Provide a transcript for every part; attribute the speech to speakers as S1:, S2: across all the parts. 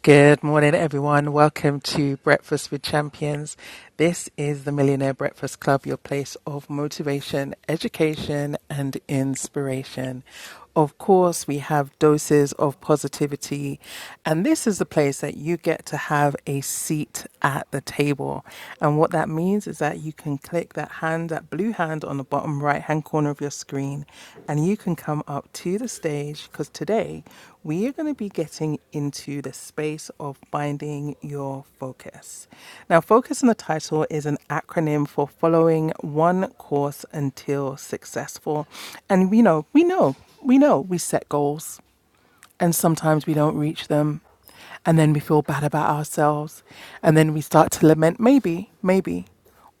S1: Good morning, everyone. Welcome to Breakfast with Champions. This is the Millionaire Breakfast Club, your place of motivation, education, and inspiration. Of course, we have doses of positivity, and this is the place that you get to have a seat at the table. And what that means is that you can click that hand, that blue hand on the bottom right hand hand corner of your screen, and you can come up to the stage because today we are going to be getting into the space of finding your focus. Now, focus in the title is an acronym for following one course until successful. And we know, we know, we know we set goals and sometimes we don't reach them and then we feel bad about ourselves and then we start to lament maybe maybe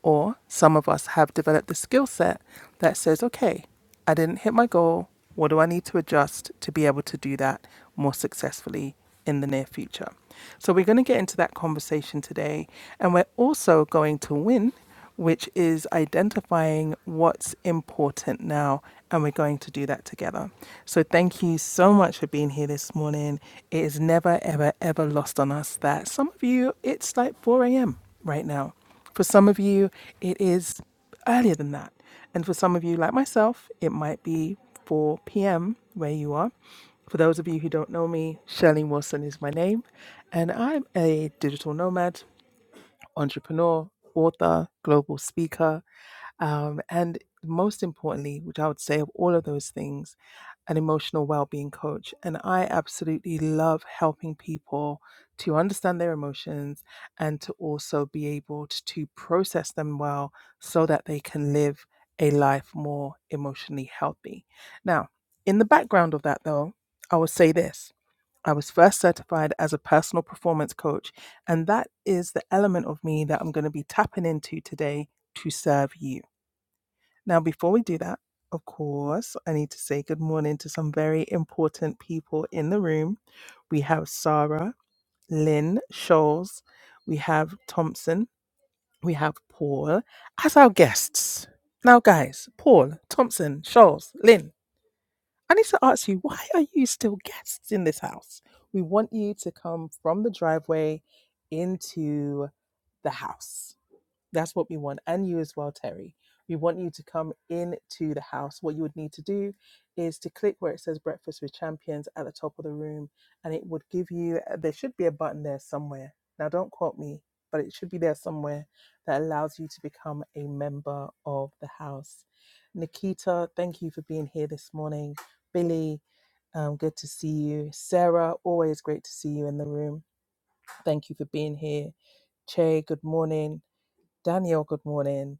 S1: or some of us have developed the skill set that says okay i didn't hit my goal what do i need to adjust to be able to do that more successfully in the near future so we're going to get into that conversation today and we're also going to win which is identifying what's important now. And we're going to do that together. So, thank you so much for being here this morning. It is never, ever, ever lost on us that some of you, it's like 4 a.m. right now. For some of you, it is earlier than that. And for some of you, like myself, it might be 4 p.m. where you are. For those of you who don't know me, Shirley Wilson is my name, and I'm a digital nomad entrepreneur, author, global speaker, um, and most importantly, which I would say of all of those things, an emotional well-being coach and i absolutely love helping people to understand their emotions and to also be able t- to process them well so that they can live a life more emotionally healthy now in the background of that though i will say this I was first certified as a personal performance coach, and that is the element of me that I'm going to be tapping into today to serve you. Now, before we do that, of course, I need to say good morning to some very important people in the room. We have Sarah, Lynn, Scholes, we have Thompson, we have Paul as our guests. Now, guys, Paul, Thompson, Scholes, Lynn, I need to ask you, why are you still guests in this house? We want you to come from the driveway into the house. That's what we want. And you as well, Terry. We want you to come into the house. What you would need to do is to click where it says Breakfast with Champions at the top of the room, and it would give you, uh, there should be a button there somewhere. Now, don't quote me, but it should be there somewhere that allows you to become a member of the house. Nikita, thank you for being here this morning. Billy, um, good to see you. Sarah, always great to see you in the room. Thank you for being here. Che, good morning. Daniel, good morning.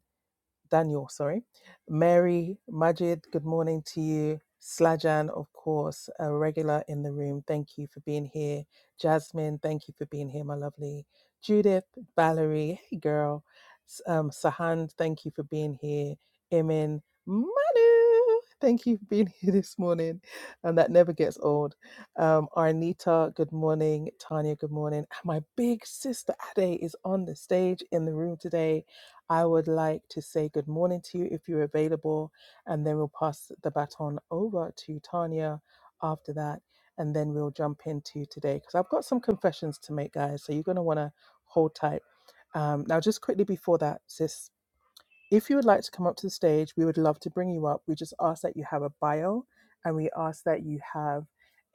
S1: Daniel, sorry. Mary, Majid, good morning to you. Slajan, of course, a regular in the room. Thank you for being here. Jasmine, thank you for being here, my lovely. Judith, Valerie, hey girl. S- Um, Sahand, thank you for being here. Emin, Manu, thank you for being here this morning. And that never gets old. Um, Arnita, good morning. Tanya, good morning. And my big sister Ade is on the stage in the room today I would like to say good morning to you if you're available, and then we'll pass the baton over to Tanya after that, and then we'll jump into today because I've got some confessions to make, guys. So you're going to want to hold tight. Um, now, just quickly before that, sis, if you would like to come up to the stage, we would love to bring you up. We just ask that you have a bio and we ask that you have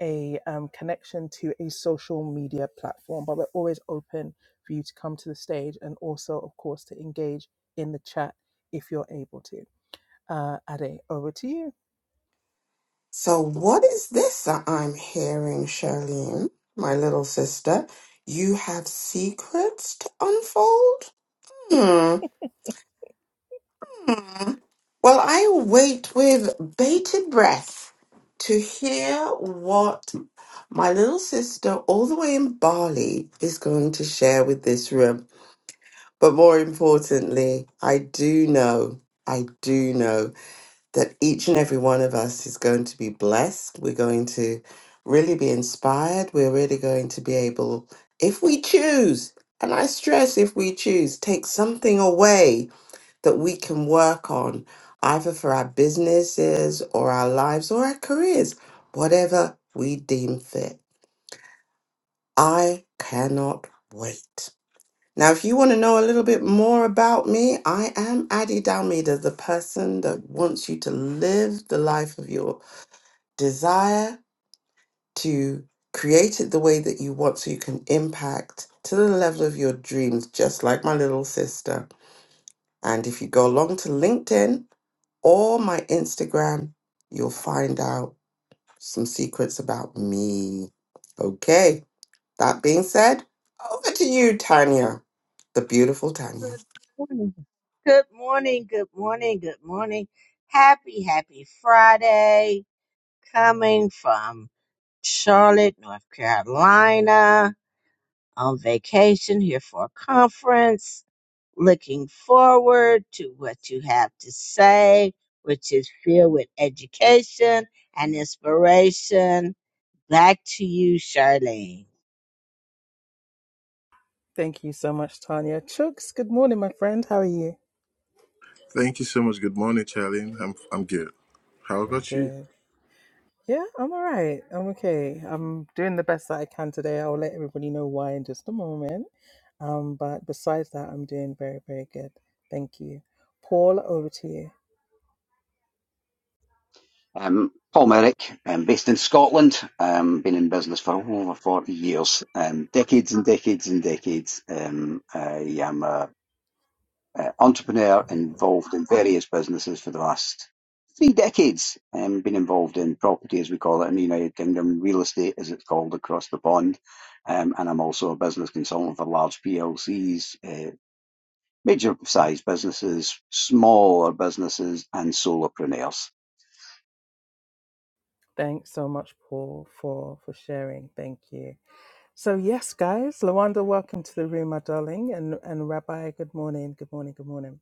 S1: a um, connection to a social media platform. But we're always open for you to come to the stage and also, of course, to engage in the chat if you're able to. Uh, Ade, over to you.
S2: So, what is this that I'm hearing, Charlene, my little sister? You have secrets to unfold? Hmm. Hmm. Well, I wait with bated breath to hear what my little sister, all the way in Bali, is going to share with this room. But more importantly, I do know, I do know. that each and every one of us is going to be blessed. We're going to really be inspired. We're really going to be able, if we choose, and I stress if we choose, take something away that we can work on, either for our businesses or our lives or our careers, whatever we deem fit. I cannot wait. Now, if you want to know a little bit more about me, I am Addie Dalmeda, the person that wants you to live the life of your desire to create it the way that you want so you can impact to the level of your dreams, just like my little sister. And if you go along to LinkedIn or my Instagram, you'll find out some secrets about me. Okay. That being said, over to you, Tanya, the beautiful Tanya.
S3: Good morning. Good morning. Good morning. Good morning. Happy, happy Friday. Coming from Charlotte, North Carolina, on vacation here for a conference. Looking forward to what you have to say, which is filled with education and inspiration. Back to you, Charlene.
S1: Thank you so much, Tanya. Chooks, good morning, my friend. How are you?
S4: Thank you so much. Good morning, Charlene. I'm I'm good. How about you?
S1: Good. Yeah, I'm all right. I'm okay. I'm doing the best that I can today. I'll let everybody know why in just a moment. Um, but besides that, I'm doing very, very good. Thank you. Paul, over to you.
S5: Um, Paul Merrick, um, based in Scotland, um, been in business for over 40 years, um, decades and decades and decades. Um, I am an entrepreneur involved in various businesses for the last three decades. Um, been involved in property, as we call it in the United Kingdom, real estate, as it's called across the pond. Um, and I'm also a business consultant for large PLCs, uh, major size businesses, smaller businesses, and solopreneurs.
S1: Thanks so much, Paul, for for sharing. Thank you. So yes, guys, Lawanda, welcome to the room, my darling, and and Rabbi, good morning, good morning, good morning.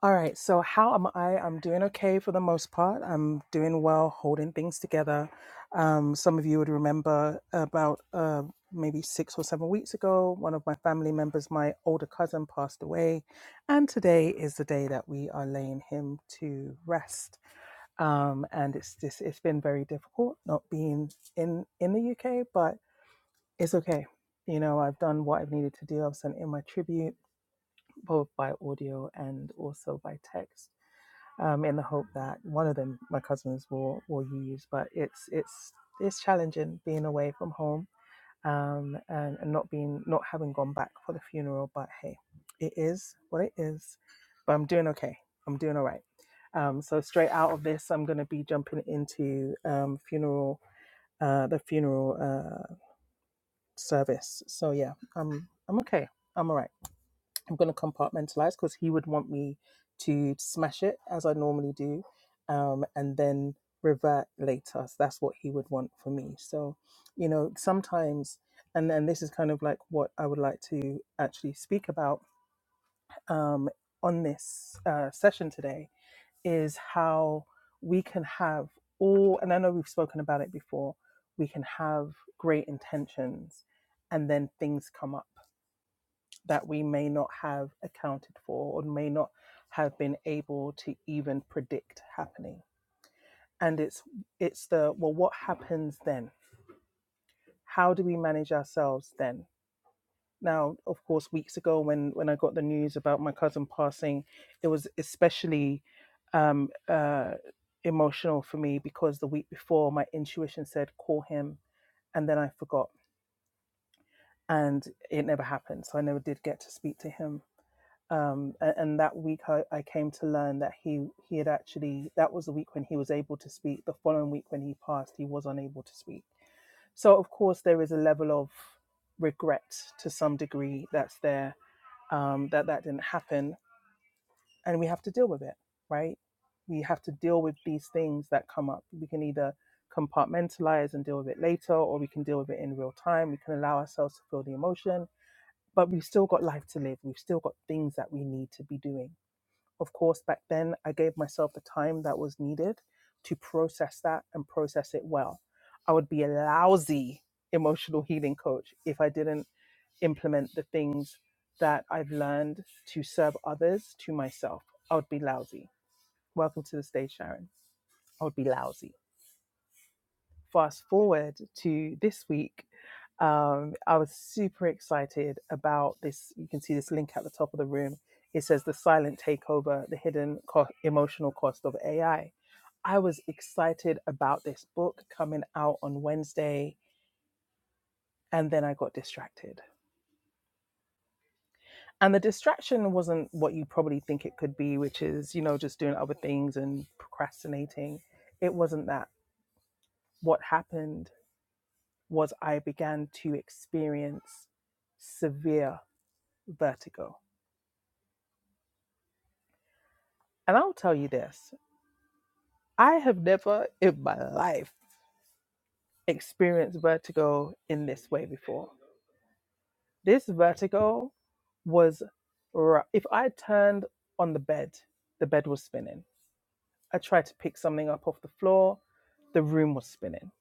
S1: All right, so how am I? I'm doing okay for the most part. I'm doing well, holding things together. Um, some of you would remember about uh, maybe six or seven weeks ago, one of my family members, my older cousin, passed away. And today is the day that we are laying him to rest. Um, and it's just, it's been very difficult not being in, in the UK, but it's okay. You know, I've done what I've needed to do. I've sent in my tribute, both by audio and also by text um, in the hope that one of them, my cousins, will will use. But it's it's it's challenging being away from home um, and, and not being not having gone back for the funeral. But hey, it is what it is. But I'm doing okay. I'm doing all right. Um, so straight out of this, I'm going to be jumping into um, funeral uh, the funeral uh, service. So yeah, I'm I'm okay. I'm all right. I'm going to compartmentalize because he would want me to smash it as I normally do, um, and then revert later. So that's what he would want for me. So, you know, sometimes, and then this is kind of like what I would like to actually speak about um, on this uh, session today is how we can have all, and I know we've spoken about it before, we can have great intentions and then things come up that we may not have accounted for or may not have been able to even predict happening and it's it's the well what happens then how do we manage ourselves then now of course weeks ago when when i got the news about my cousin passing it was especially um uh emotional for me because the week before my intuition said call him and then i forgot and it never happened so i never did get to speak to him um, a- and, that week I, I came to learn that he he had actually that was the week when he was able to speak the following week when he passed he was unable to speak so of course there is a level of regret to some degree that's there um, that that didn't happen and we have to deal with it right we have to deal with these things that come up we can either compartmentalize and deal with it later or we can deal with it in real time we can allow ourselves to feel the emotion but we've still got life to live we've still got things that we need to be doing of course, back then I gave myself the time that was needed to process that and process it well. I would be a lousy emotional healing coach if I didn't implement the things that I've learned to serve others to myself. I would be lousy. Welcome to the stage, Sharon. I would be lousy fast forward to this week, um, I was super excited about this. You can see this link at the top of the room. It says the silent takeover, the hidden co- emotional cost of AI. I I was excited about this book coming out on Wednesday, and then I got distracted. And the distraction wasn't what you probably think it could be, which is, you know, just doing other things and procrastinating. It wasn't that. What happened was I began to experience severe vertigo. And I'll tell you this I have never in my life experienced vertigo in this way before. This vertigo was, ru- if I turned on the bed, the bed was spinning. I tried to pick something up off the floor, the room was spinning.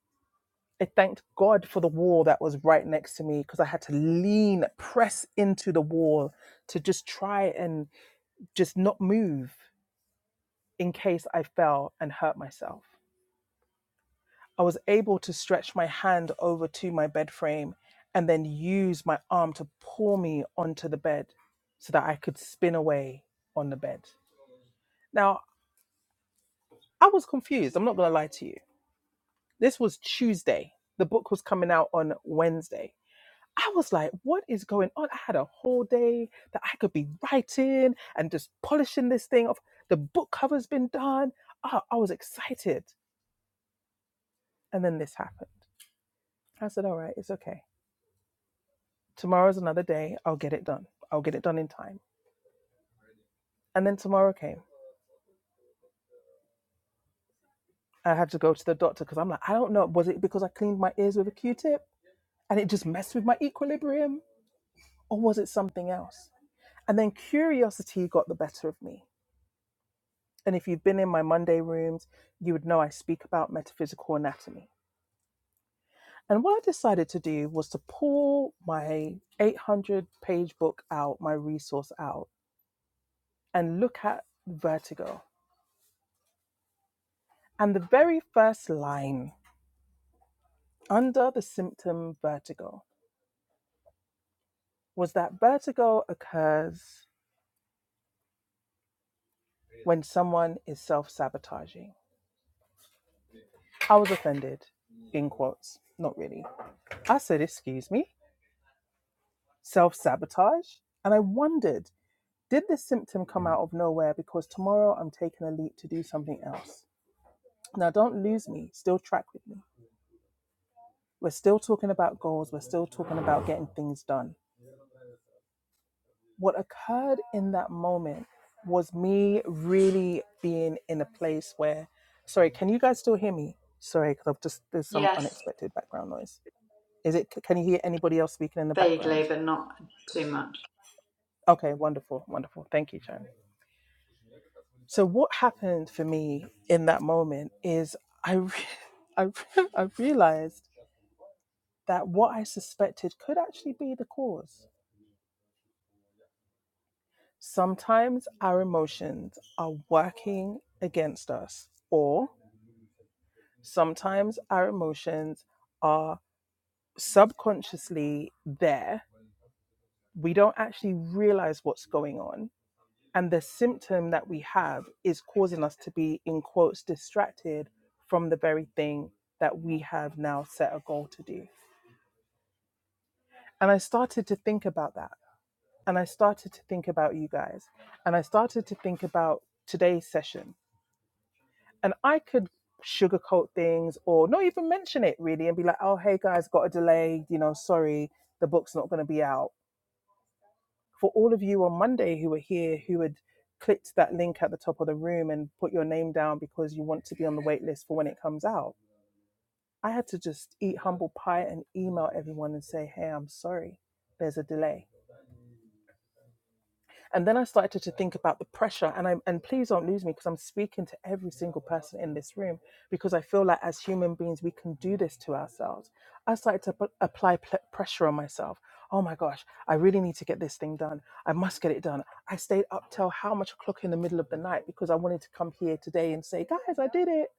S1: I thanked God for the wall that was right next to me because I had to lean, press into the wall to just try and just not move in case I fell and hurt myself. I was able to stretch my hand over to my bed frame and then use my arm to pull me onto the bed so that I could spin away on the bed. Now, I was confused. I'm not going to lie to you. This was Tuesday. The book was coming out on Wednesday. I was like, what is going on? I had a whole day that I could be writing and just polishing this thing off. The book cover's been done. Ah, I was excited. And then this happened. I said, All right, it's okay. Tomorrow's another day. I'll get it done. I'll get it done in time. And then tomorrow came. I had to go to the doctor because I'm like, I don't know. Was it because I cleaned my ears with a Q tip and it just messed with my equilibrium? Or was it something else? And then curiosity got the better of me. And if you've been in my Monday rooms, you would know I speak about metaphysical anatomy. And what I decided to do was to pull my 800 page book out, my resource out, and look at vertigo And the very first line under the symptom vertigo was that vertigo occurs when someone is self sabotaging. I was offended, in quotes, not really. I said, Excuse me, self sabotage? And I wondered, did this symptom come out of nowhere because tomorrow I'm taking a leap to do something else? Now, don't lose me, still track with me. We're still talking about goals, we're still talking about getting things done. what occurred in that moment was me really being in a place where sorry can you guys still hear me sorry because i've just there's some
S6: Yes,
S1: unexpected background noise is it can you hear anybody else speaking in the
S6: vaguely,
S1: background
S6: but not too much.
S1: okay wonderful wonderful thank you Sharon. so what happened for me in that moment is i re- I, re- I realized that what i suspected could actually be the cause sometimes our emotions are working against us or Sometimes our emotions are subconsciously there. We don't actually realize what's going on. And the symptom that we have is causing us to be, in quotes, distracted from the very thing that we have now set a goal to do. And I started to think about that. And I started to think about you guys. And I started to think about today's session and I could sugarcoat things or not even mention it really and be like, oh, hey guys, got a delay, you know, sorry, the book's not going to be out. For all of you on Monday who were here who had clicked that link at the top of the room and put your name down because you want to be on the wait list for when it comes out, I had to just eat humble pie and email everyone and say, hey, I'm sorry, there's a delay. And then I started to think about the pressure, and I'm and please don't lose me because I'm speaking to every single person in this room because I feel like as human beings we can do this to ourselves. I started to p- apply pl- pressure on myself. Oh my gosh, I really need to get this thing done. I must get it done. I stayed up till how much o'clock in the middle of the night because I wanted to come here today and say, guys, I did it.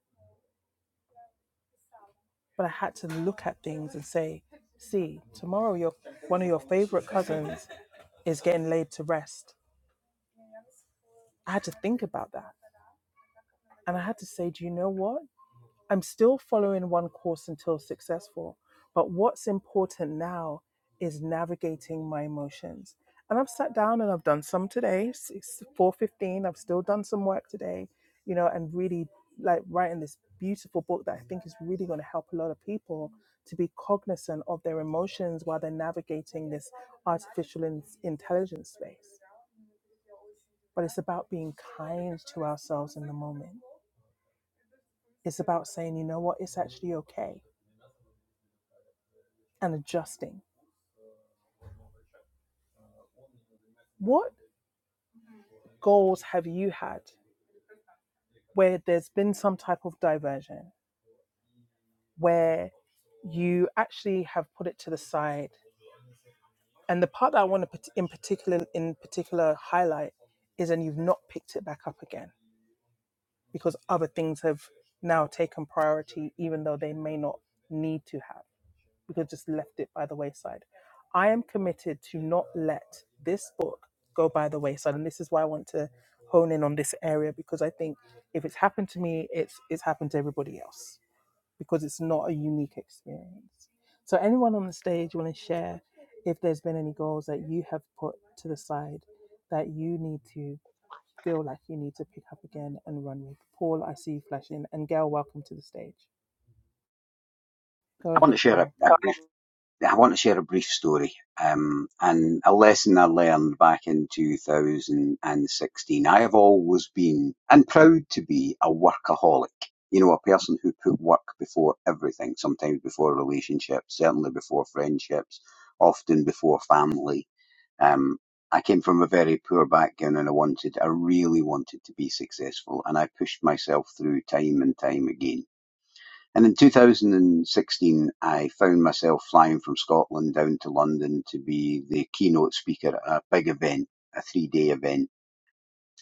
S1: But I had to look at things and say, see, tomorrow your one of your favorite cousins is getting laid to rest. I had to think about that. And I had to say, do you know what? I'm still following one course until successful, but what's important now is navigating my emotions. And I've sat down and I've done some today. It's 4:15. I've still done some work today, you know, and really like writing this beautiful book that I think is really going to help a lot of people to be cognizant of their emotions while they're navigating this artificial in- intelligence space. But it's about being kind to ourselves in the moment It's about saying, you know what, it's actually okay and adjusting. What goals have you had where there's been some type of diversion, where you actually have put it to the side? And the part that I want to put in particular in particular highlight is and you've not picked it back up again because other things have now taken priority even though they may not need to have. we could have just left it by the wayside. I am committed to not let this book go by the wayside, and this is why I want to hone in on this area because I think if it's happened to me, it's it's happened to everybody else because it's not a unique experience. So, anyone on the stage want to share if there's been any goals that you have put to the side that you need to feel like you need to pick up again and run with? Paul, I see you flashing, and Gail, welcome to the stage. Go
S5: I want
S1: ahead,
S5: to share a,
S1: Paul.
S5: a I want to share a brief story um, and a lesson I learned back in 2016. I have always been and proud to be a workaholic. You know, a person who put work before everything, sometimes before relationships, certainly before friendships, often before family. Um, I came from a very poor background and I wanted, I really wanted to be successful and I pushed myself through time and time again and in 2016, I found myself flying from Scotland down to London to be the keynote speaker at a big event, a three day event,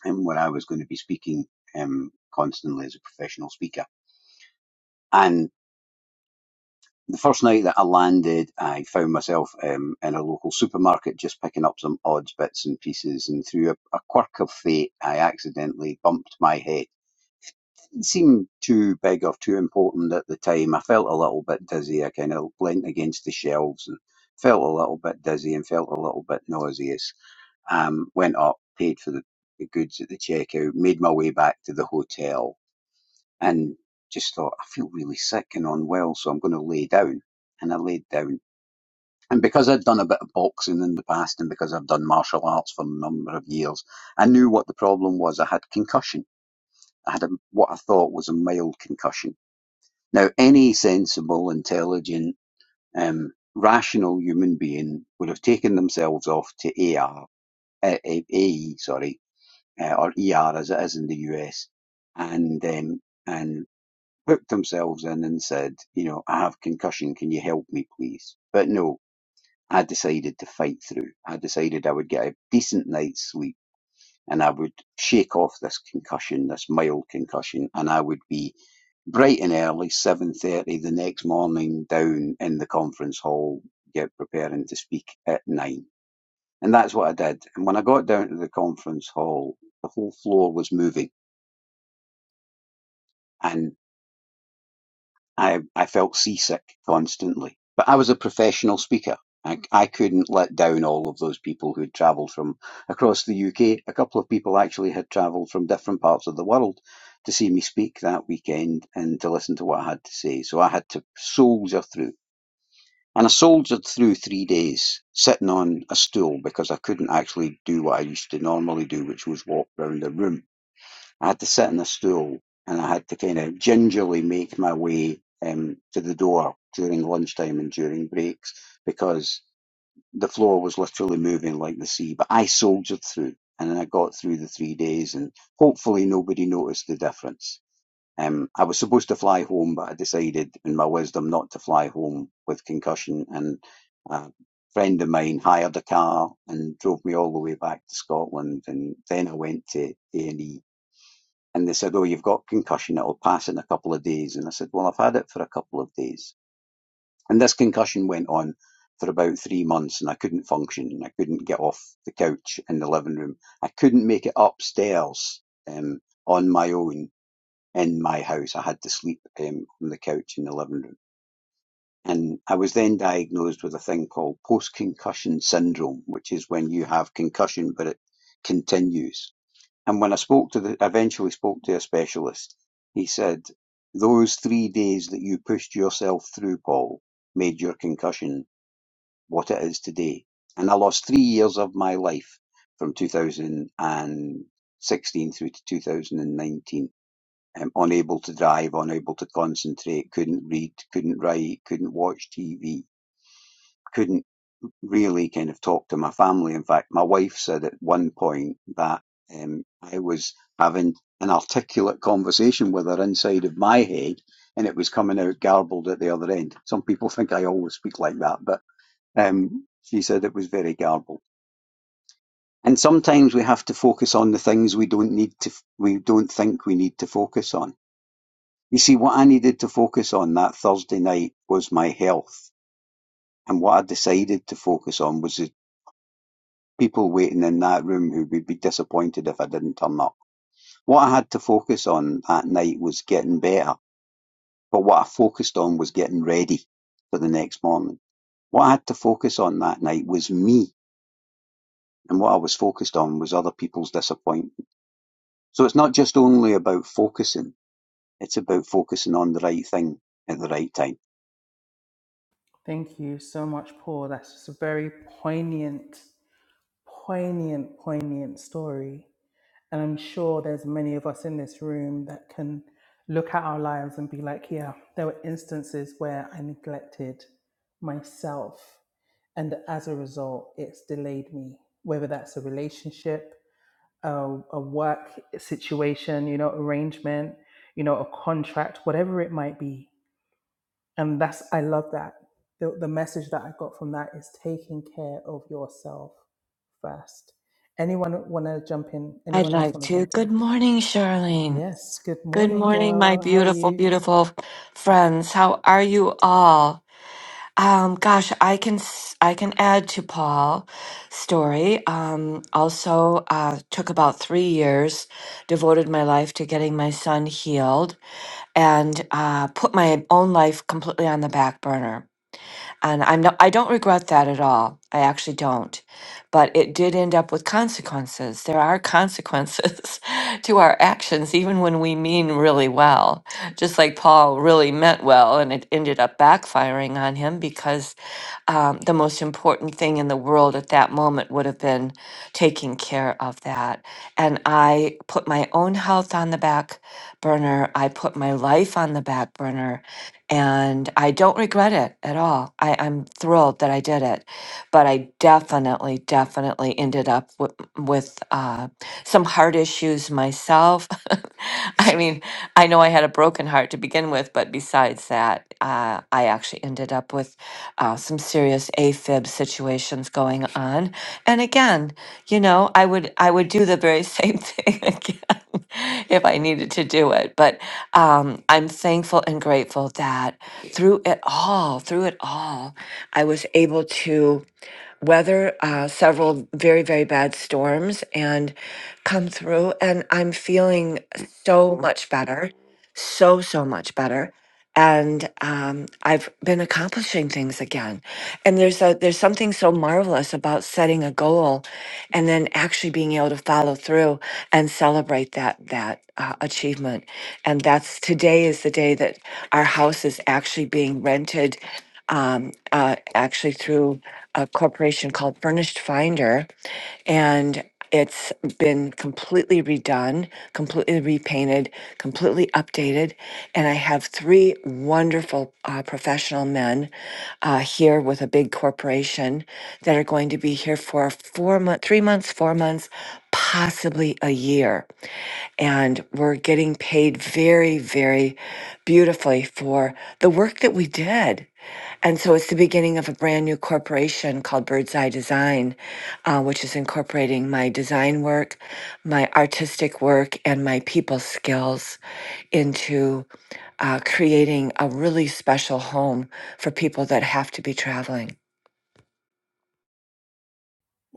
S5: um, where I was going to be speaking um, constantly as a professional speaker. And the first night that I landed, I found myself um, in a local supermarket just picking up some odds, bits, and pieces. And through a, a quirk of fate, I accidentally bumped my head Didn't seem too big or too important at the time. I felt a little bit dizzy. I kind of leant against the shelves and felt a little bit dizzy and felt a little bit nauseous. Um, went up, paid for the, the goods at the checkout, made my way back to the hotel, and just thought I feel really sick and unwell, so I'm going to lay down. And I laid down. And because I'd done a bit of boxing in the past, and because I've done martial arts for a number of years, I knew what the problem was. I had concussion. I had a, what I thought was a mild concussion now, any sensible, intelligent, um, rational human being would have taken themselves off to AR, uh, AE, sorry, uh, or ER as it is in the US, and um, and hooked themselves in and said, you know, I have concussion. Can you help me, please? But no, I decided to fight through. I decided I would get a decent night's sleep. And I would shake off this concussion, this mild concussion, and I would be bright and early, seven thirty the next morning, down in the conference hall, get preparing to speak at nine, and that's what I did. And when I got down to the conference hall, the whole floor was moving, and I I felt seasick constantly. But I was a professional speaker. I, I couldn't let down all of those people who'd travelled from across the UK. A couple of people actually had travelled from different parts of the world to see me speak that weekend and to listen to what I had to say. So I had to soldier through And I soldiered through three days, sitting on a stool because I couldn't actually do what I used to normally do, which was walk round a room. I had to sit on a stool and I had to kind of gingerly make my way um, to the door during lunchtime and during breaks because the floor was literally moving like the sea. But I soldiered through and then I got through the three days and hopefully nobody noticed the difference. Um, I was supposed to fly home, but I decided, in my wisdom, not to fly home with concussion. And a friend of mine hired a car and drove me all the way back to Scotland. And then I went to A and E, and they said, "Oh, you've got concussion. It'll pass in a couple of days." And I said, "Well, I've had it for a couple of days." And this concussion went on for about three months, and I couldn't function. I couldn't get off the couch in the living room. I couldn't make it upstairs um, on my own in my house. I had to sleep um, on the couch in the living room. And I was then diagnosed with a thing called post concussion syndrome, which is when you have concussion but it continues. And when I spoke to the, eventually spoke to a specialist, he said, those three days that you pushed yourself through, Paul, made your concussion what it is today. And I lost three years of my life from 2016 through to 2019 um, unable to drive, unable to concentrate, couldn't read, couldn't write, couldn't watch TV, couldn't really kind of talk to my family. In fact, my wife said at one point that um, I was having an articulate conversation with her inside of my head and it was coming out garbled at the other end. Some people think I always speak like that, but um, she said it was very garbled. And sometimes we have to focus on the things we don't need to, we don't think we need to focus on You see, what I needed to focus on that Thursday night was my health. And what I decided to focus on was the people waiting in that room who would be disappointed if I didn't turn up. What I had to focus on that night was getting better. But what I focused on was getting ready for the next morning. What I had to focus on that night was me. And what I was focused on was other people's disappointment. So it's not just only about focusing, it's about focusing on the right thing at the right time.
S1: Thank you so much, Paul. That's just a very poignant, poignant, poignant story. And I'm sure there's many of us in this room that can look at our lives and be like, yeah, there were instances where I neglected myself. And as a result, it's delayed me, whether that's a relationship, a, a work situation, you know, arrangement, you know, a contract, whatever it might be and that's i love that the, the message that i got from that is taking care of yourself first anyone want to jump in
S7: I'd
S1: anyone else
S7: like
S1: want to
S7: to.
S1: jump in
S7: Good morning, Charlene.
S1: yes good
S7: Good
S1: morning
S7: morning, my
S1: girl how are
S7: beautiful,
S1: you
S7: beautiful friends. How are you all? Um, gosh, I can s- I can add to Paul's story. Um, also, uh, took about three years, devoted my life to getting my son healed, and uh, put my own life completely on the back burner and I'm not, I don't regret that at all. I actually don't. But it did end up with consequences. There are consequences to our actions, even when we mean really well. Just like Paul really meant well, and it ended up backfiring on him because um, the most important thing in the world at that moment would have been taking care of that. And I put my own health on the back burner. I put my life on the back burner. And I don't regret it at all. I, I'm thrilled that I did it. But I definitely, definitely ended up with, with uh, some heart issues myself. I mean, I know I had a broken heart to begin with, but besides that, uh, I actually ended up with uh, some serious AFib situations going on. And again, you know, I would I would do the very same thing again if I needed to do it. But um, I'm thankful and grateful that through it all, through it all, I was able to weather uh, several very, very bad storms and come through. And I'm feeling so much better, so, so much better and um, I've been accomplishing things again. And there's a there's something so marvelous about setting a goal, and then actually being able to follow through and celebrate that that uh, achievement. And that's today is the day that our house is actually being rented, um, uh, actually through a corporation called Furnished Finder, it's been completely redone, completely repainted, completely updated. And I have three wonderful uh, professional men uh, here with a big corporation that are going to be here for four months, three months, four months, possibly a year and we're getting paid very, very beautifully for the work that we did. And so it's the beginning of a brand new corporation called Bird's Eye Design, uh, which is incorporating my design work, my artistic work, and my people skills into uh, creating a really special home for people that have to be traveling.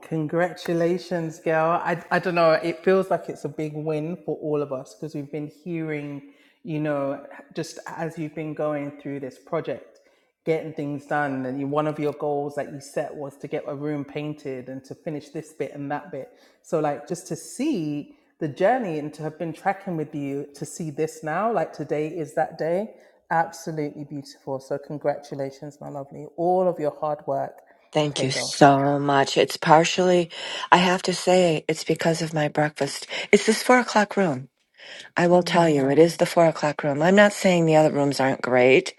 S1: Congratulations, girl. I, I don't know. It feels like it's a big win for all of us because we've been hearing, you know, just as you've been going through this project, getting things done. And you, one of your goals that you set was to get a room painted and to finish this bit and that bit. So, like, just to see the journey and to have been tracking with you to see this now, like today is that day. Absolutely beautiful. So, congratulations, my lovely. All of your hard work
S7: Thank you
S1: paid off.
S7: so much. It's partially, I have to say, it's because of my breakfast. It's this four o'clock room. I will tell you, it is the four o'clock room. I'm not saying the other rooms aren't great,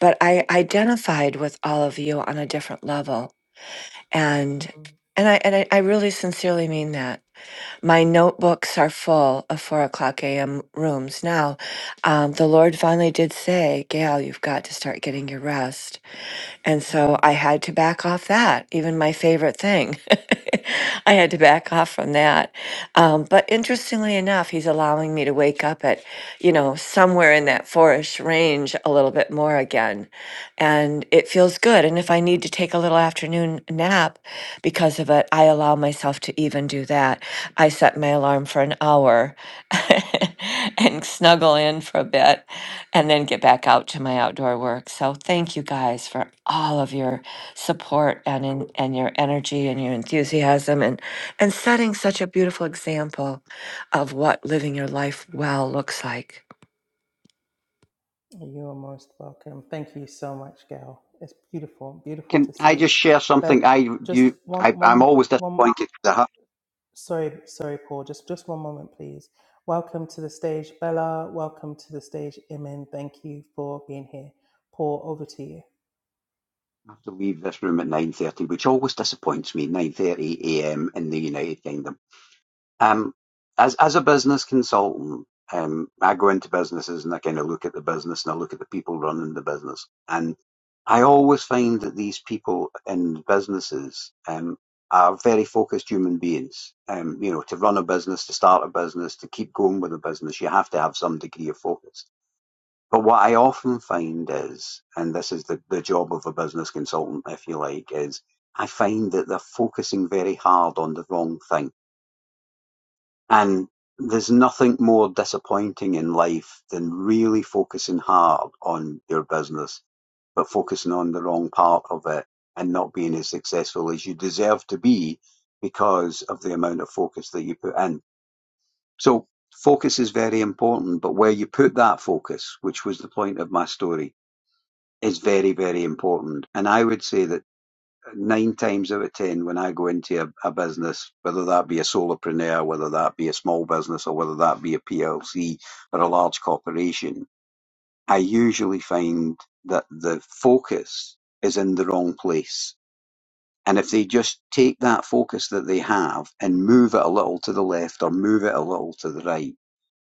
S7: but I identified with all of you on a different level. And
S1: Mm-hmm.
S7: and I and I, I really sincerely mean that. My notebooks are full of four o'clock a.m. rooms. Now, um, the Lord finally did say, Gail, you've got to start getting your rest. And
S1: Mm-hmm.
S7: so I had to back off that, even my favorite thing. I had to back off from that. Um, but interestingly enough, he's allowing me to wake up at, you know, somewhere in that fourish range a little bit more again. And it feels good. And if I need to take a little afternoon nap because of it, I allow myself to even do that. I set my alarm for an hour and snuggle in for a bit and then get back out to my outdoor work. So thank you guys for all of your support and in, and your energy and your enthusiasm and and setting such a beautiful example of what living your life well looks like.
S1: You are most welcome. Thank you so much, Gail. It's beautiful, beautiful
S5: Can
S1: to
S5: I
S1: see.
S5: just share something?
S1: But
S5: I
S1: just
S5: you
S1: one,
S5: I,
S1: one, one.
S5: I'm always disappointed because I have,
S1: Sorry, sorry, Paul. Just, just one moment, please. Welcome to the stage, Bella. Welcome to the stage, Imin. Thank you for being here. Paul, over to you.
S5: I have to leave this room at nine thirty, which always disappoints me. Nine thirty a.m. in the United Kingdom. Um, as as a business consultant, um, I go into businesses and I kind of look at the business and I look at the people running the business, and I always find that these people in businesses um, are very focused human beings. Um, you know, to run a business, to start a business, to keep going with a business, you have to have some degree of focus But what I often find is, and this is the, the job of a business consultant, if you like, is I find that they're focusing very hard on the wrong thing. And there's nothing more disappointing in life than really focusing hard on your business, but focusing on the wrong part of it and not being as successful as you deserve to be because of the amount of focus that you put in. So focus is very important, but where you put that focus, which was the point of my story, is very, very important. And I would say that nine times out of 10, when I go into a, a business, whether that be a solopreneur, whether that be a small business, or whether that be a PLC or a large corporation, I usually find that the focus is in the wrong place. And if they just take that focus that they have and move it a little to the left or move it a little to the right,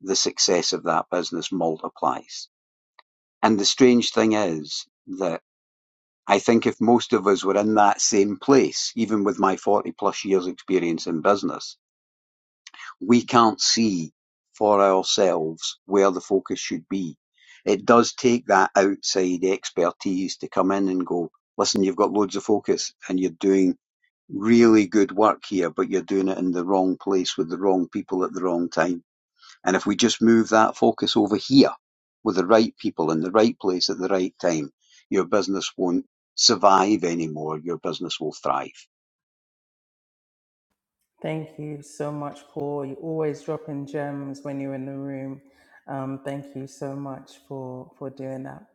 S5: the success of that business multiplies. And the strange thing is that I think if most of us were in that same place, even with my 40 plus years experience in business, we can't see for ourselves where the focus should be. It does take that outside expertise to come in and go, listen, you've got loads of focus and you're doing really good work here, but you're doing it in the wrong place with the wrong people at the wrong time and if we just move that focus over here with the right people in the right place at the right time, your business won't survive anymore. Your business will thrive.
S1: Thank you so much, Paul. You always dropping gems when you're in the room. Um, thank you so much for for doing that.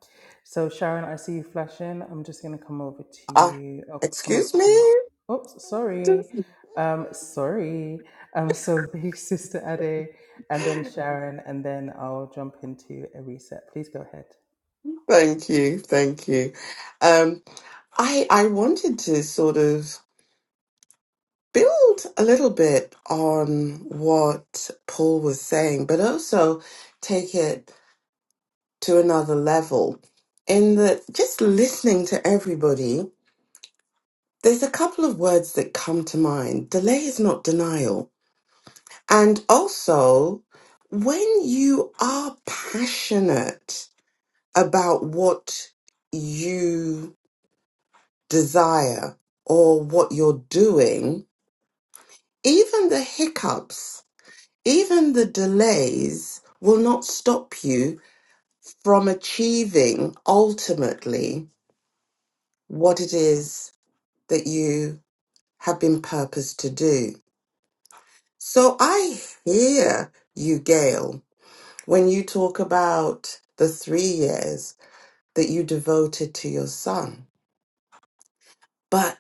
S1: So Sharon, I see you flashing. I'm just gonna come over to
S2: Ah,
S1: you. I'll come up
S2: excuse me.
S1: to you. Oops,
S2: I wanted
S1: sorry.
S2: to-
S1: Um, sorry. Um, so big sister Ade, and then Sharon, and then I'll jump into a reset. Please go ahead.
S2: Thank you, thank you. Um, I I wanted to sort of build a little bit on what Paul was saying, but also take it to another level. In that, just listening to everybody, there's a couple of words that come to mind. Delay is not denial. And also, when you are passionate about what you desire or what you're doing, even the hiccups even the delays will not stop you from achieving ultimately what it is that you have been purposed to do. So I hear you, Gail, when you talk about the three years that you devoted to your son. But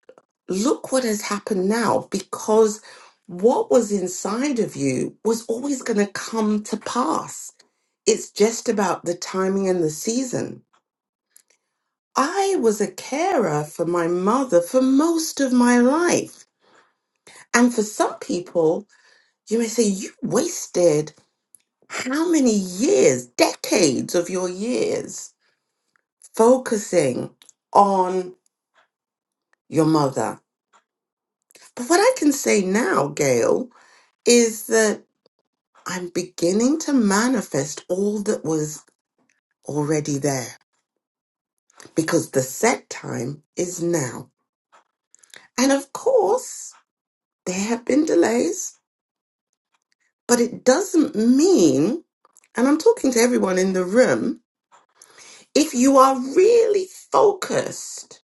S2: look what has happened now because what was inside of you was always going to come to pass. It's just about the timing and the season. I was a carer for my mother for most of my life. And for some people, you may say, you wasted how many years, decades of your years focusing on your mother. But what I can say now, Gail, is that I'm beginning to manifest all that was already there because the set time is now. And of course, there have been delays But it doesn't mean, and I'm talking to everyone in the room, if you are really focused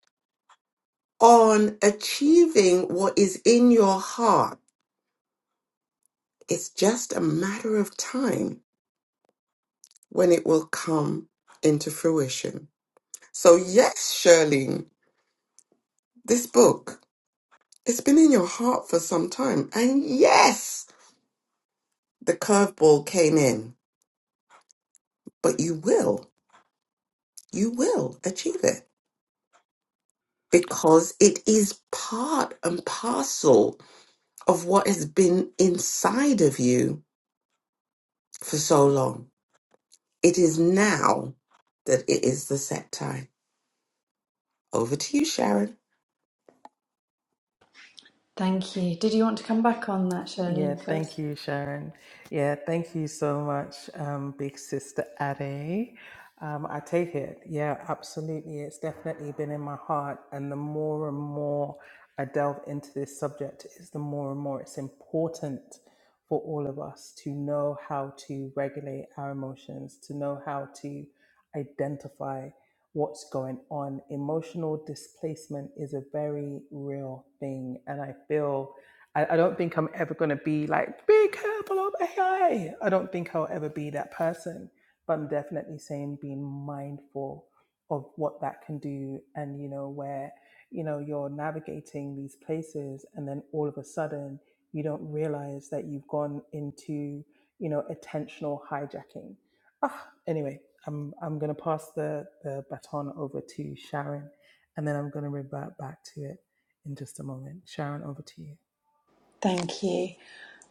S2: on achieving what is in your heart, it's just a matter of time when it will come into fruition. So, yes, Shirley, this book, it's been in your heart for some time. And yes, the curveball came in, but you will, you will achieve it. because it is part and parcel of what has been inside of you for so long. It is now that it is the set time. Over to you, Sharon.
S6: Thank you. Did you want to come back on that,
S1: Yeah,
S6: Charlene,
S1: thank
S6: first?
S1: you, Sharon. Yeah, thank you so much, um, big sister Ade. Um, I take it. Yeah, absolutely. It's definitely been in my heart. And the more and more I delve into this subject, is the more and more it's important for all of us to know how to regulate our emotions, to know how to identify what's going on. Emotional displacement is a very real thing. And I feel I, I don't think I'm ever going to be like, be careful of AI. I I don't think I'll ever be that person. But I'm definitely saying being mindful of what that can do and, you know, where, you know, you're navigating these places and then all of a sudden you don't realize that you've gone into, you know, attentional hijacking. Ah, anyway, I'm, I'm going to pass the, the baton over to Sharon and then I'm going to revert back to it in just a moment. Sharon, over to you.
S6: Thank you.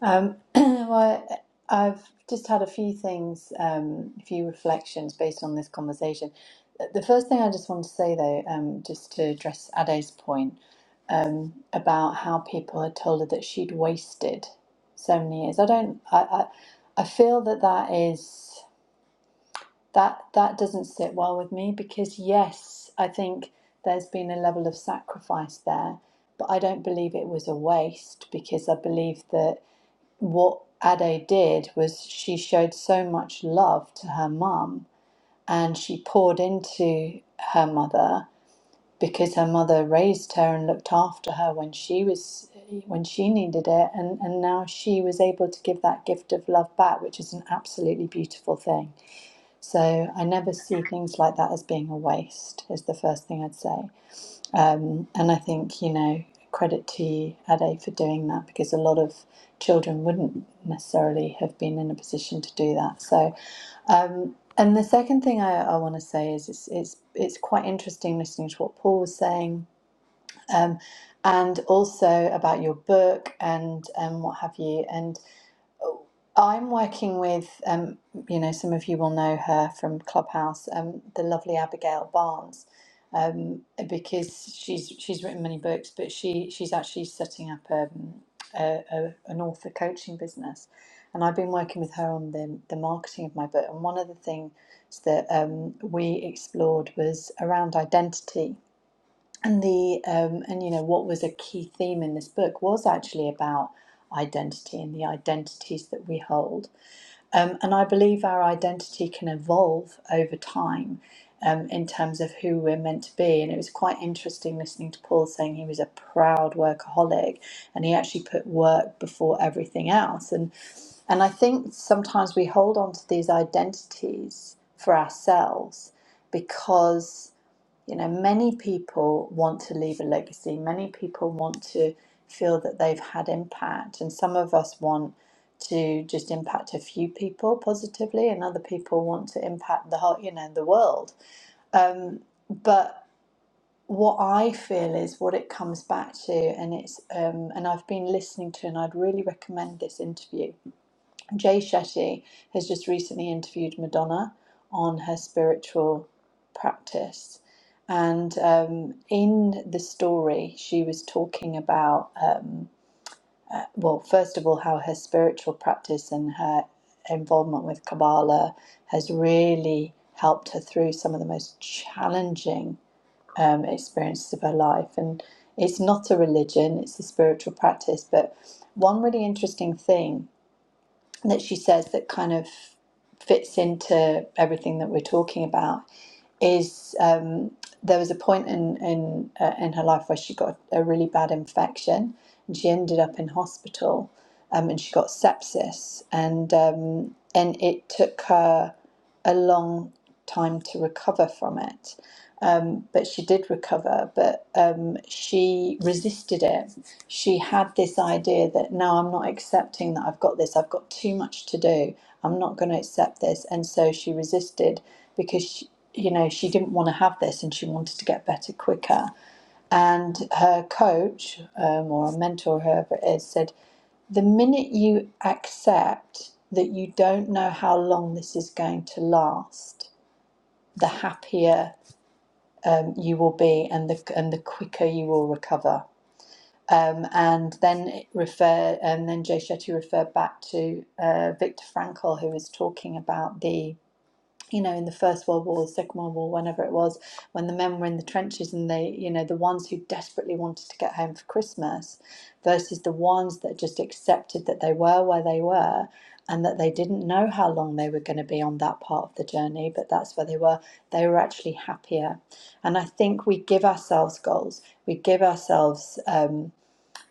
S6: Um, well, I've just had a few things, um, a few reflections based on this conversation. The first thing I just want to say, though, um, just to address Ade's point um, about how people had told her that she'd wasted so many years. I don't. I. I, I feel that that is. that that doesn't sit well with me because yes, I think there's been a level of sacrifice there, but I don't believe it was a waste because I believe that what Ade did was she showed so much love to her mum and she poured into her mother because her mother raised her and looked after her when she was when she needed it and, and now she was able to give that gift of love back, which is an absolutely beautiful thing. So I never see things like that as being a waste, is the first thing I'd say. Um, and I think, you know, credit to you, Ade, for doing that because a lot of children wouldn't necessarily have been in a position to do that. So, um, and the second thing I, I want to say is it's, it's, it's quite interesting listening to what Paul was saying. Um, and also about your book and um, what have you. and. I'm working with, um, you know, some of you will know her from Clubhouse, um, the lovely Abigail Barnes, um, because she's she's written many books, but she she's actually setting up um, a, a, an author coaching business, and I've been working with her on the the marketing of my book. And one of the things that um, we explored was around identity, and the um, and you know what was a key theme in this book was actually about identity and the identities that we hold um, and I believe our identity can evolve over time um, in terms of who we're meant to be. And it was quite interesting listening to Paul saying he was a proud workaholic and he actually put work before everything else. And, and I think sometimes we hold on to these identities for ourselves because. You know, many people want to leave a legacy. Many people want to feel that they've had impact. And some of us want to just impact a few people positively, and other people want to impact the whole, you know, the world. But what I feel is what it comes back to, and it's, um, and I've been listening to, and I'd really recommend this interview Jay Shetty has just recently interviewed Madonna on her spiritual practice. And um, in the story, she was talking about, um, well, first of all, how her spiritual practice and her involvement with Kabbalah has really helped her through some of the most challenging um, experiences of her life. And it's not a religion, it's a spiritual practice. But one really interesting thing that she says that kind of fits into everything that we're talking about is um, there was a point in in uh, in her life where she got a really bad infection and she ended up in hospital um, and she got sepsis and um, and it took her a long time to recover from it um, but she did recover. But um, she resisted it. She had this idea that no, I'm not accepting that I've got this. I've got too much to do. I'm not going to accept this. And so she resisted because she, you know she didn't want to have this, and she wanted to get better quicker. And her coach um, or a mentor, whoever it is, said the minute you accept that you don't know how long this is going to last, the happier um, you will be, and the and the quicker you will recover. Um, and then it refer, and then Jay Shetty referred back to uh, Viktor Frankl, who was talking about the you know, in the First World War, the Second World War, whenever it was, when the men were in the trenches and they, you know, the ones who desperately wanted to get home for Christmas versus the ones that just accepted that they were where they were and that they didn't know how long they were going to be on that part of the journey, but that's where they were, they were actually happier. And I think we give ourselves goals, we give ourselves. Um,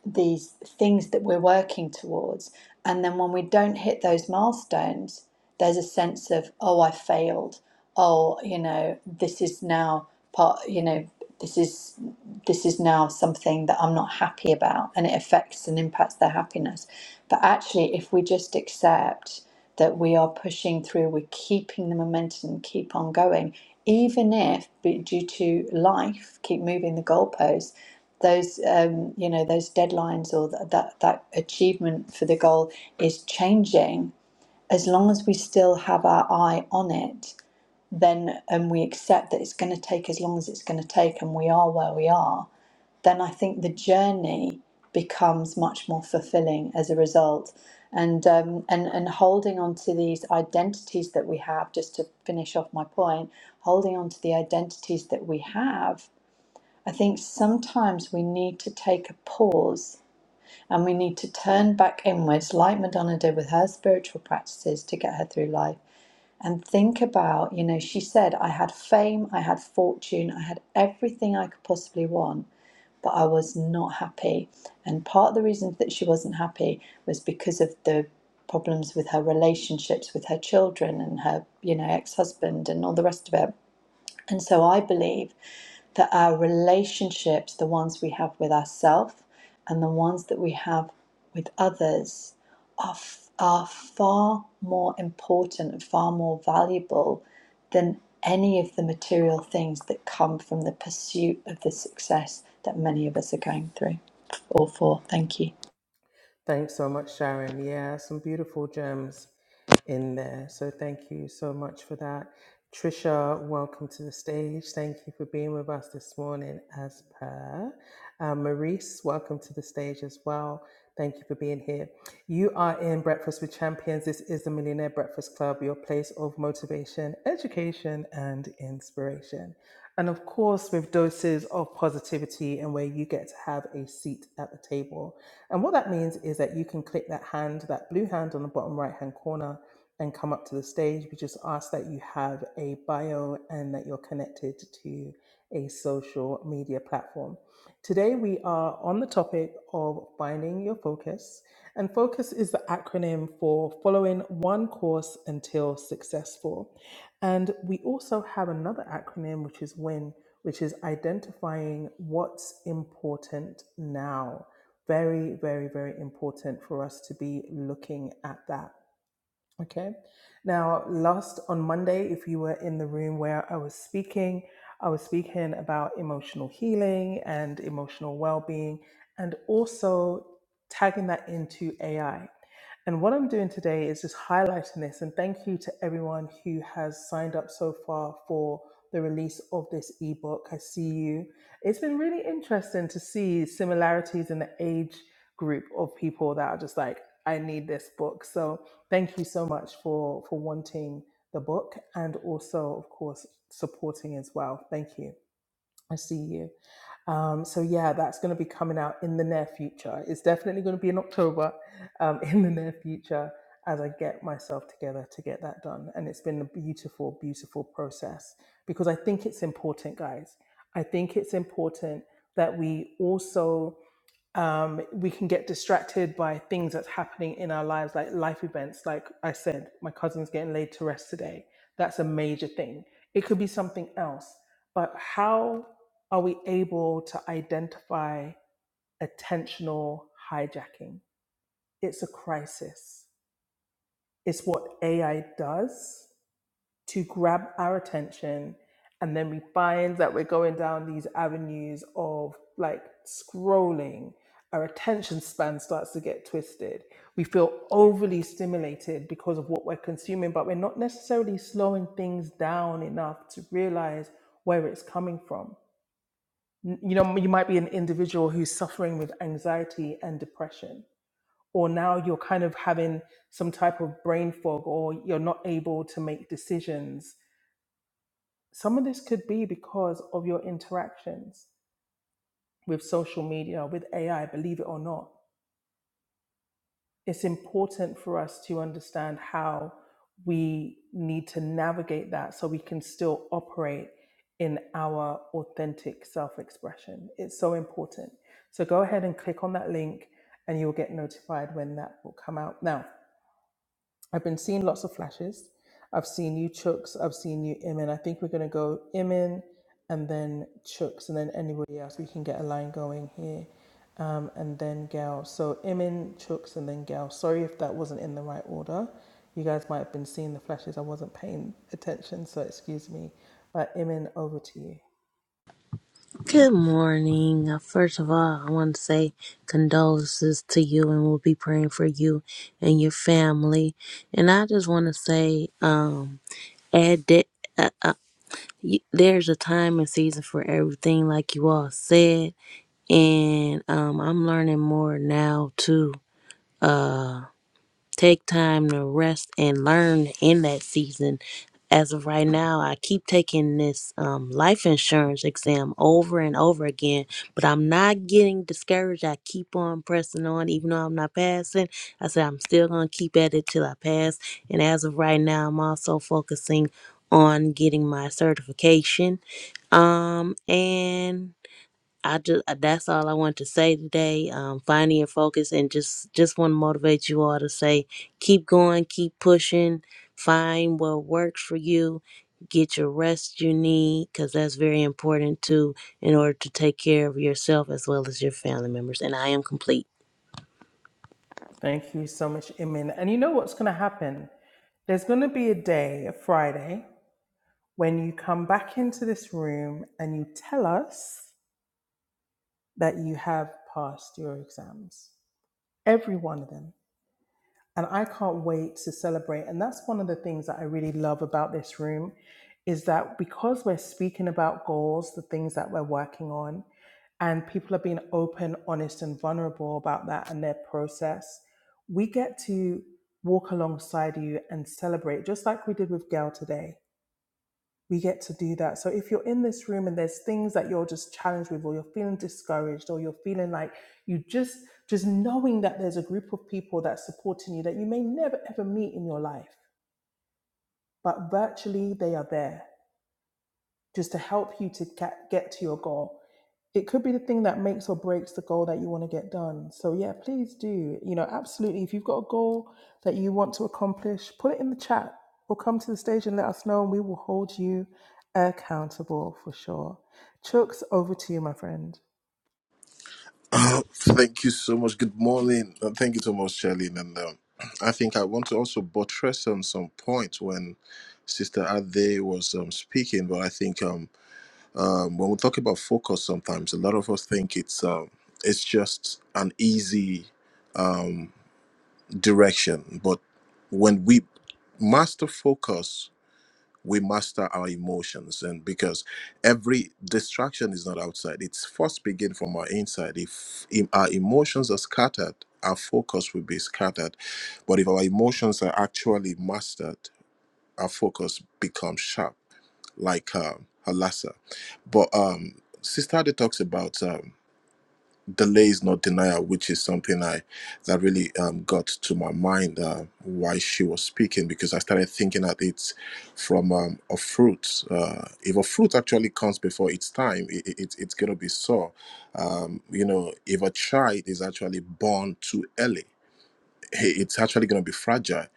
S6: these things that we're working towards. And then when we don't hit those milestones, there's a sense of, oh, I failed. Oh, you know, this is now part, you know, this is this is now something that I'm not happy about and it affects and impacts their happiness. But actually if we just accept that we are pushing through, we're keeping the momentum, keep on going, even if due to life, keep moving the goalposts those um, you know those deadlines or th- that that achievement for the goal is changing as long as we still have our eye on it then and we accept that it's going to take as long as it's going to take and we are where we are then i think the journey becomes much more fulfilling as a result and um, and and holding on to these identities that we have just to finish off my point holding on to the identities that we have I think sometimes we need to take a pause and we need to turn back inwards, like Madonna did with her spiritual practices to get her through life, and think about you know, she said, I had fame, I had fortune, I had everything I could possibly want, but I was not happy. And part of the reason that she wasn't happy was because of the problems with her relationships with her children and her, you know, ex husband and all the rest of it. And so I believe that our relationships, the ones we have with ourselves and the ones that we have with others, are, are far more important and far more valuable than any of the material things that come from the pursuit of the success that many of us are going through. All four, thank you.
S1: Thanks so much, Sharon. Yeah, some beautiful gems in there. So thank you so much for that. Trisha, welcome to the stage. Thank you for being with us this morning as per. Uh, Maurice, welcome to the stage as well. Thank you for being here. You are in Breakfast with Champions. This is the Millionaire Breakfast Club, your place of motivation, education, and inspiration. And of course, with doses of positivity and where you get to have a seat at the table. And what that means is that you can click that hand, that blue hand on the bottom right hand corner, and come up to the stage. We just ask that you have a bio and that you're connected to a social media platform. Today, we are on the topic of finding your focus. And focus is the acronym for following one course until successful. And we also have another acronym, which is WIN, which is identifying what's important now very, very, very important for us to be looking at that Okay. Now, last on Monday, if you were in the room where I was speaking, I was speaking about emotional healing and emotional well being, and also tagging that into AI. And what I'm doing today is just highlighting this. And thank you to everyone who has signed up so far for the release of this ebook. I see you. It's been really interesting to see similarities in the age group of people that are just like, I need this book. So, thank you so much for for wanting the book and also of course supporting as well thank you i see you um, so yeah that's going to be coming out in the near future it's definitely going to be in october um, in the near future as i get myself together to get that done and it's been a beautiful beautiful process because i think it's important guys i think it's important that we also um, we can get distracted by things that's happening in our lives, like life events. Like I said, my cousin's getting laid to rest today. That's a major thing. It could be something else. But how are we able to identify attentional hijacking? It's a crisis, it's what AI does to grab our attention and then we find that we're going down these avenues of like scrolling our attention span starts to get twisted we feel overly stimulated because of what we're consuming but we're not necessarily slowing things down enough to realize where it's coming from N- you know you might be an individual who's suffering with anxiety and depression or now you're kind of having some type of brain fog or you're not able to make decisions some of this could be because of your interactions with social media, with AI, believe it or not. It's important for us to understand how we need to navigate that so we can still operate in our authentic self expression. It's so important. So go ahead and click on that link and you'll get notified when that will come out. Now, I've been seeing lots of flashes. I've seen you Chooks. I've seen you Imin. I think we're going to go Imin and then Chooks and then anybody else. We can get a line going here. Um, and then Gal. So Imin, Chooks, and then Gal. Sorry if that wasn't in the right order. You guys might have been seeing the flashes. I wasn't paying attention, so excuse me. But Imin, over to you.
S8: Good morning. Uh, First of all, I want to say condolences to you, and we'll be praying for you and your family. And I just want to say, um, add that uh, uh, y- there's a time and season for everything, like you all said, and um, I'm learning more now too. Uh, Take time to rest and learn in that season. As of right now, I keep taking this um, life insurance exam over and over again, but I'm not getting discouraged. I keep on pressing on, even though I'm not passing. I said I'm still going to keep at it till I pass. And as of right now, I'm also focusing on getting my certification. Um, and I just that's all I want to say today. Um, finding your focus and just just want to motivate you all to say, keep going, keep pushing, find what works for you, get your rest you need because that's very important too in order to take care of yourself as well as your family members. And I am complete.
S1: Thank you so much, Imin. And you know what's going to happen? There's going to be a day, a Friday. when you come back into this room and you tell us that you have passed your exams, every one of them. And I can't wait to celebrate. And that's one of the things that I really love about this room is that because we're speaking about goals, the things that we're working on, and people are being open, honest, and vulnerable about that and their process, we get to walk alongside you and celebrate, just like we did with Gail today we get to do that. So if you're in this room and there's things that you're just challenged with, or you're feeling discouraged, or you're feeling like you just just knowing that there's a group of people that's supporting you that you may never ever meet in your life, but virtually they are there just to help you to get, get to your goal. It could be the thing that makes or breaks the goal that you want to get done. So, yeah, please do. You know, absolutely. If you've got a goal that you want to accomplish, put it in the chat or come to the stage and let us know, and we will hold you accountable for sure. Chooks, over to you, my friend.
S4: Oh, thank you so much. Good morning. Uh, Thank you so much, Charlene. And um, I think I want to also buttress on some points when Sister Ade was um, speaking. But I think um, um, when we talk about focus, sometimes a lot of us think it's um, it's just an easy direction. But when we master focus, we master our emotions and because every distraction is not outside it's first begin from our inside if, if our emotions are scattered our focus will be scattered but if our emotions are actually mastered our focus becomes sharp like um halassa but um sister Ade talks about um delay is not denial, which is something I that really um, got to my mind uh, why she was speaking because I started thinking at it from um, a fruit. Uh, if a fruit actually comes before its time, it, it, it's gonna be sour. Um, you know, if a child is actually born too early, i- it's actually gonna be fragile.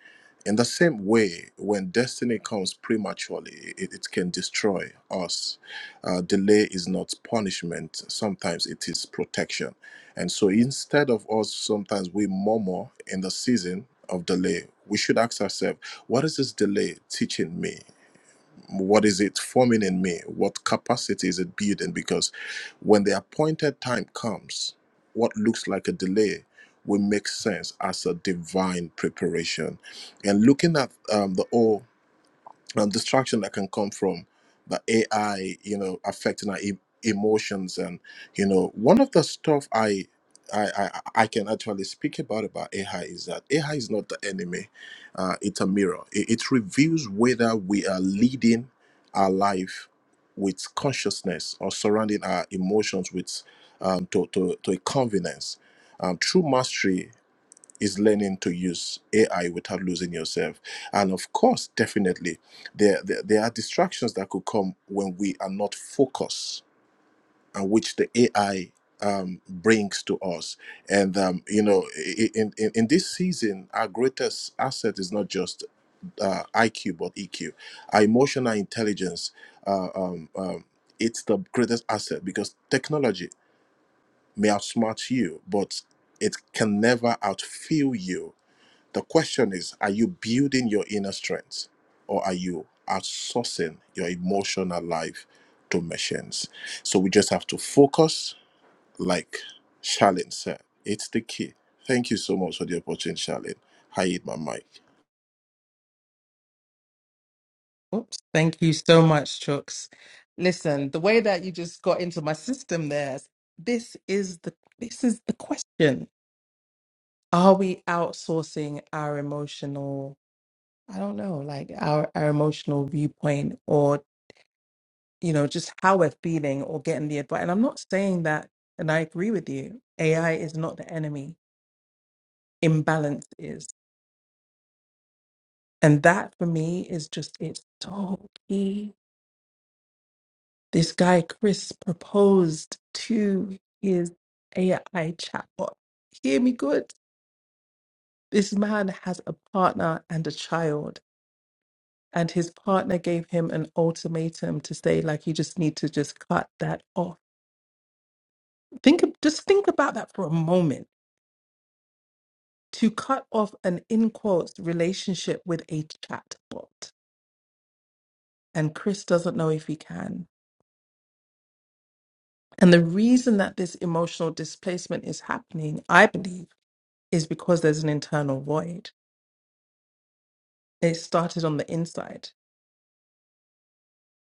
S4: In the same way, when destiny comes prematurely, it, it can destroy us. Uh, delay is not punishment, sometimes it is protection. And so instead of us, sometimes we murmur in the season of delay, we should ask ourselves, what is this delay teaching me? What is it forming in me? What capacity is it building? Because when the appointed time comes, what looks like a delay will make sense as a divine preparation. And looking at um, the all um, distraction that can come from the AI, you know, affecting our e- emotions. And you know, one of the stuff I I, I I can actually speak about about AI is that AI is not the enemy; uh, it's a mirror. It, it reveals whether we are leading our life with consciousness or surrounding our emotions with um, to, to to a convenience. Um, true mastery is learning to use AI without losing yourself. And of course, definitely, there, there, there are distractions that could come when we are not focused, and which the AI um, brings to us. And, um, you know, i- in, in, in this season, our greatest asset is not just uh, IQ, but EQ. Our emotional intelligence, uh, um, um, it's the greatest asset because technology may outsmart you, but it can never outfeel you the question is are you building your inner strength or are you outsourcing your emotional life to machines? So we just have to focus, like Charlene said. It's the key. Thank you so much for the opportunity, Charlene. I eat my mic.
S1: Oops, thank you so much, Chooks. Listen, the way that you just got into my system there, this is the this is the question. Are we outsourcing our emotional? I don't know, like our, our emotional viewpoint or, you know, just how we're feeling or getting the advice. And I'm not saying that, and I agree with you, AI is not the enemy, imbalance is. And that for me is just, it's so key. This guy, Chris, proposed to his AI chatbot. Hear me good. This man has a partner and a child. And his partner gave him an ultimatum to say, like, you just need to just cut that off Think ab- just think about that for a moment. To cut off an in quotes relationship with a chatbot, and Chris doesn't know if he can. And the reason that this emotional displacement is happening, I believe, is because there's an internal void. It started on the inside.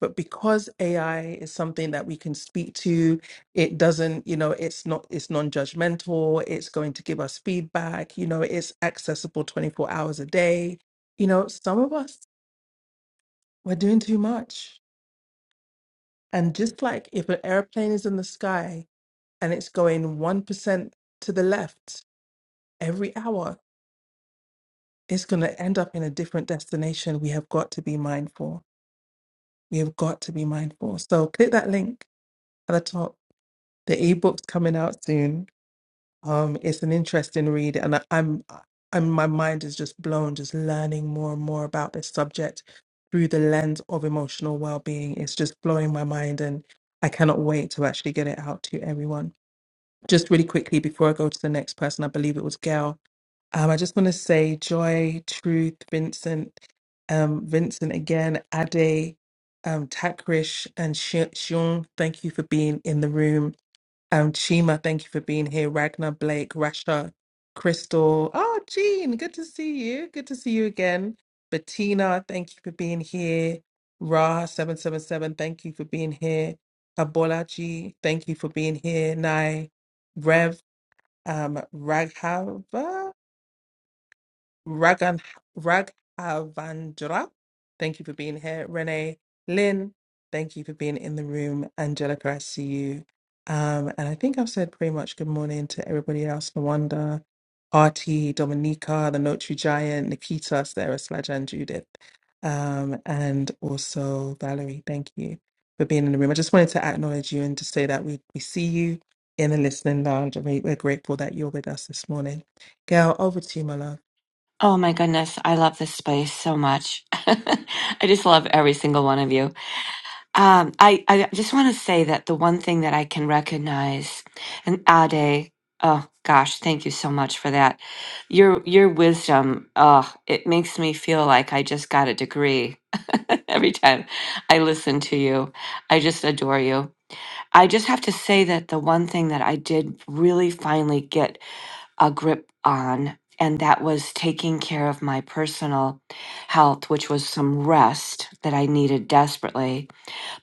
S1: But because AI is something that we can speak to, it doesn't, you know, it's not, it's non-judgmental, it's going to give us feedback, you know, it's accessible 24 hours a day. You know, some of us We're doing too much. And just like if an airplane is in the sky and it's going 1% to the left every hour, it's going to end up in a different destination. We have got to be mindful. We have got to be mindful. So click that link at the top. The ebook's coming out soon. Um, it's an interesting read, and I, I'm and my mind is just blown, just learning more and more about this subject through the lens of emotional well-being. It's just blowing my mind, and I cannot wait to actually get it out to everyone. Just really quickly before I go to the next person, I believe it was Gail. Um, I just want to say Joy, Truth, Vincent, um, Vincent again, Ade, um, Takrish, and Shi- Shion. Thank you for being in the room um, Chima, thank you for being here. Ragnar, Blake, Rasha, Crystal. Oh, Jean, good to see you. Good to see you again. Bettina, thank you for being here. Ra777, thank you for being here. Abolaji, thank you for being here. Nai, Rev, um, Raghava, Raghan, Raghavandra, thank you for being here. Renee, Lynn, thank you for being in the room. Angelica, I see you. Um, and I think I've said pretty much good morning to everybody else. Nawanda, Artie, Dominica, the Notary Giant, Nikita, Sarah, Slaja, and Judith. Um, and also Valerie, thank you for being in the room. I just wanted to acknowledge you and to say that we, we see you in the listening lounge. and we- We're grateful that you're with us this morning. Gail, over to you, my love.
S7: Oh my goodness, I love this space so much. I just love every single one of you. Um, I, I just want to say that the one thing that I can recognize, and Ade, oh gosh, thank you so much for that. Your your wisdom, oh, it makes me feel like I just got a degree every time I listen to you. I just adore you. I just have to say that the one thing that I did really finally get a grip on, and that was taking care of my personal health, which was some rest that I needed desperately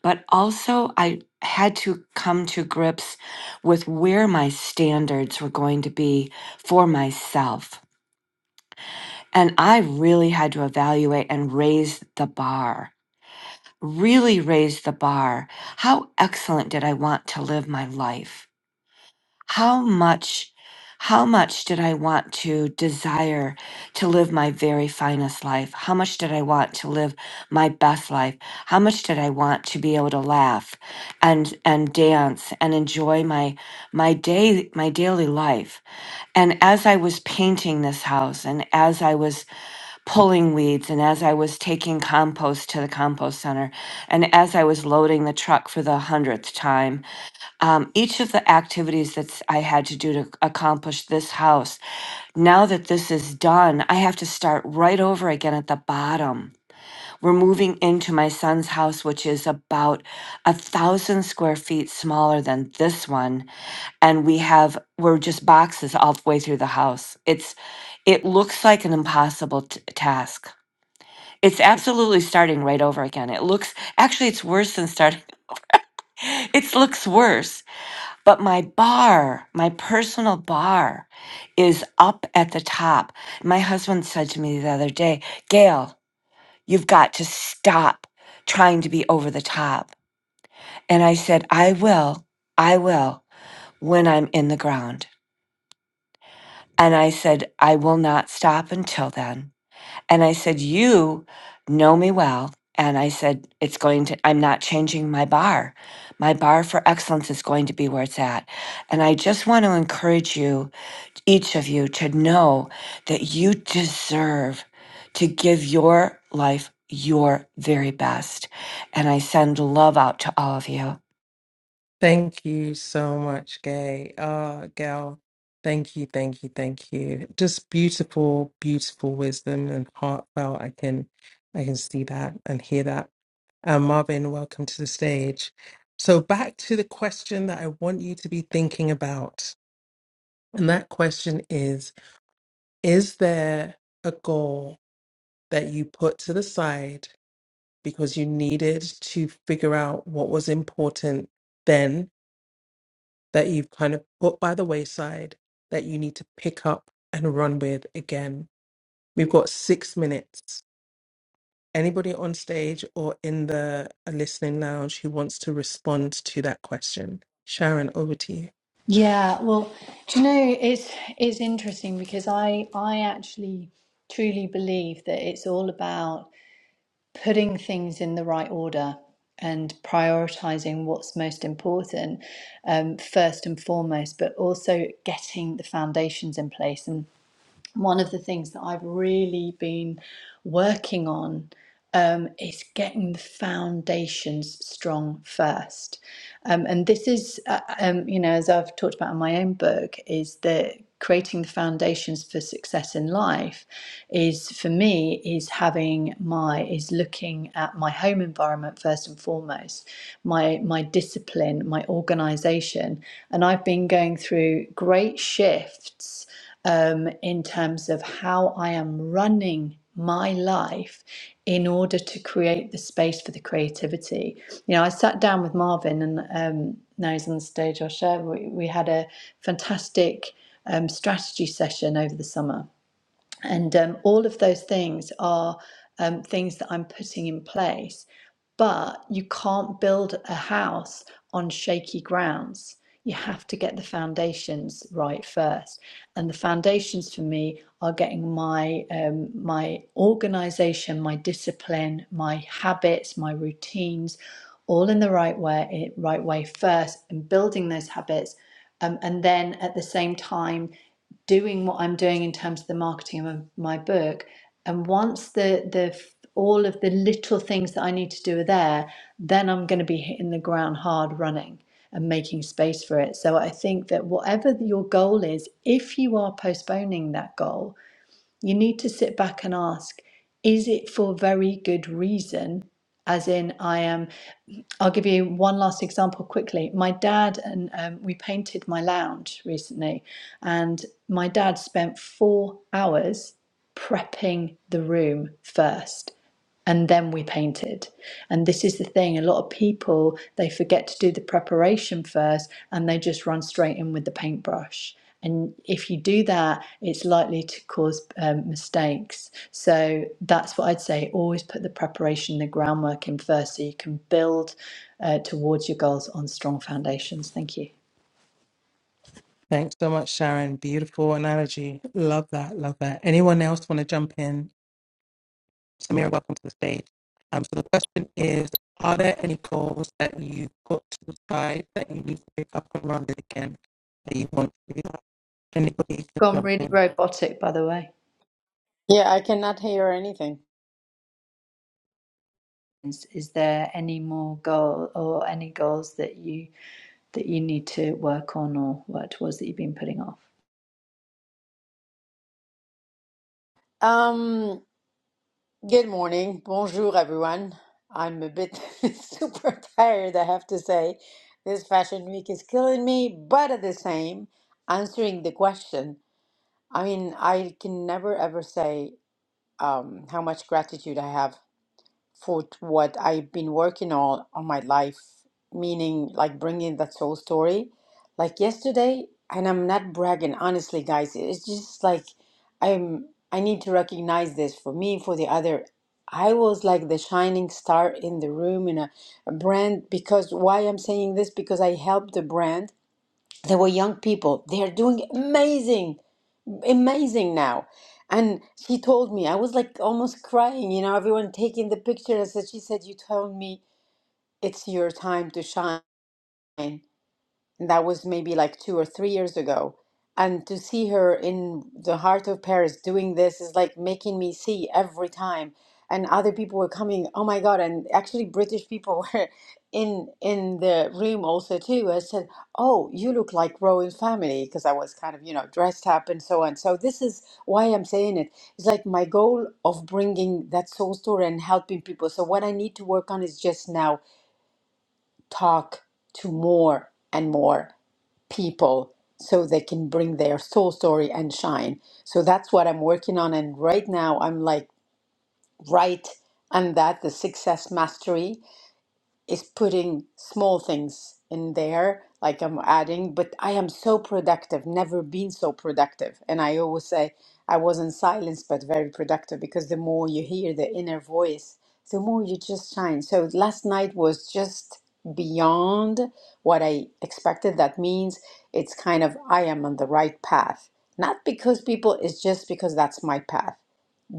S7: but also I had to come to grips with where my standards were going to be for myself. And I really had to evaluate and raise the bar, really raise the bar. How excellent did I want to live my life? how much how much did i want to desire to live my very finest life how much did i want to live my best life how much did i want to be able to laugh and and dance and enjoy my my day my daily life and as i was painting this house and as i was pulling weeds and as i was taking compost to the compost center and as i was loading the truck for the hundredth time um, each of the activities that I had to do to accomplish this house. Now that this is done, I have to start right over again at the bottom. We're moving into my son's house, which is about a thousand square feet smaller than this one, and we have we're just boxes all the way through the house. It's it looks like an impossible t- task. It's absolutely starting right over again. It looks actually it's worse than starting. It looks worse but my bar, my personal bar, is up at the top. My husband said to me the other day, Gail, you've got to stop trying to be over the top. And I said, I will, I will when I'm in the ground. And I said, I will not stop until then. And I said, You know me well. And I said, It's going to, I'm not changing my bar. My bar for excellence is going to be where it's at. And I just want to encourage you each of you to know that you deserve to give your life your very best. And I send love out to all of you.
S1: Thank you so much, Gay. Uh, Gal, thank you, thank you, thank you. Just beautiful, beautiful wisdom and heartfelt. I can, I can see that and hear that. Um, Marvin, welcome to the stage. So back to the question that I want you to be thinking about. And that question is, is there a goal that you put to the side because you needed to figure out what was important then that you've kind of put by the wayside that you need to pick up and run with again. We've got six minutes. Anybody on stage or in the uh, listening lounge who wants to respond to that question? Sharon, over to you.
S6: Yeah, well, do you know, it's it's interesting because I I actually truly believe that it's all about putting things in the right order and prioritizing what's most important um, first and foremost, but also getting the foundations in place. And one of the things that I've really been working on um, is getting the foundations strong first. Um, and this is, uh, um, you know, as I've talked about in my own book, is that creating the foundations for success in life is for me is having my is looking at my home environment first and foremost my my discipline my organization and i've been going through great shifts um, in terms of how I am running my life in order to create the space for the creativity. You know, I sat down with Marvin, and um, now he's on the stage, I'll share. We, we had a fantastic um, strategy session over the summer. And um, all of those things are um, things that I'm putting in place but you can't build a house on shaky grounds. You have to get the foundations right first. And the foundations for me are getting my um, my organization, my discipline, my habits, my routines, all in the right way, right way first, and building those habits. Um, and then at the same time doing what I'm doing in terms of the marketing of my book. And once the the all of the little things that I need to do are there, then I'm going to be hitting the ground hard running and making space for it. So I think that whatever your goal is, if you are postponing that goal, you need to sit back and ask, is it for very good reason? As in, I am. I'll give you one last example quickly. My dad and um, we painted my lounge recently, and my dad spent four hours prepping the room first and then we painted. And this is the thing a lot of people they forget to do the preparation first and they just run straight in with the paintbrush. And if you do that, it's likely to cause um, mistakes. So that's what I'd say always put the preparation, the groundwork in first so you can build uh, towards your goals on strong foundations. Thank you.
S1: Thanks so much, Sharon. Beautiful analogy. Love that. Love that. Anyone else want to jump in? Samira, welcome to the stage. Um, so the question is, are there any goals that you put to the side that you need to pick up and run it again that you want to do? Anybody can
S6: Gone
S1: jump
S6: really
S1: in.
S6: robotic, by the way.
S9: Yeah, I cannot hear anything.
S6: Is, is there any more goal or any goals that you? that you need to work on or what it was that you've been putting off?
S9: Um, good morning. Bonjour, everyone. I'm a bit super tired, I have to say. This fashion week is killing me, but at the same, answering the question, I mean, I can never ever say um, how much gratitude I have for what I've been working on all my life, meaning like bringing that soul story. Like yesterday, and I'm not bragging, honestly, guys. It's just like I'm. I need to recognize this for me, for the other. I was like the shining star in the room in a, a brand because why I'm saying this because I helped the brand. They were young people. They are doing amazing amazing now. And she told me, I was like almost crying, you know, everyone taking the picture. I said, she said, you told me it's your time to shine and that was maybe like two or three years ago. And to see her in the heart of Paris doing this is like making me see every time. And other people were coming, oh my God, and actually British people were in in the room also too. I said, Oh, you look like Royal Family, because I was kind of, you know, dressed up and so on. So this is why I'm saying it. It's like my goal of bringing that soul story and helping people. So what I need to work on is just now talk to more and more people so they can bring their soul story and shine. So that's what I'm working on. And right now I'm like right on that, the success mastery is putting small things in there, like I'm adding, but I am so productive, never been so productive. And I always say I was not silenced, but very productive because the more you hear the inner voice, the more you just shine. So last night was just beyond what I expected. That means it's kind of I am on the right path. Not because people, it's just because that's my path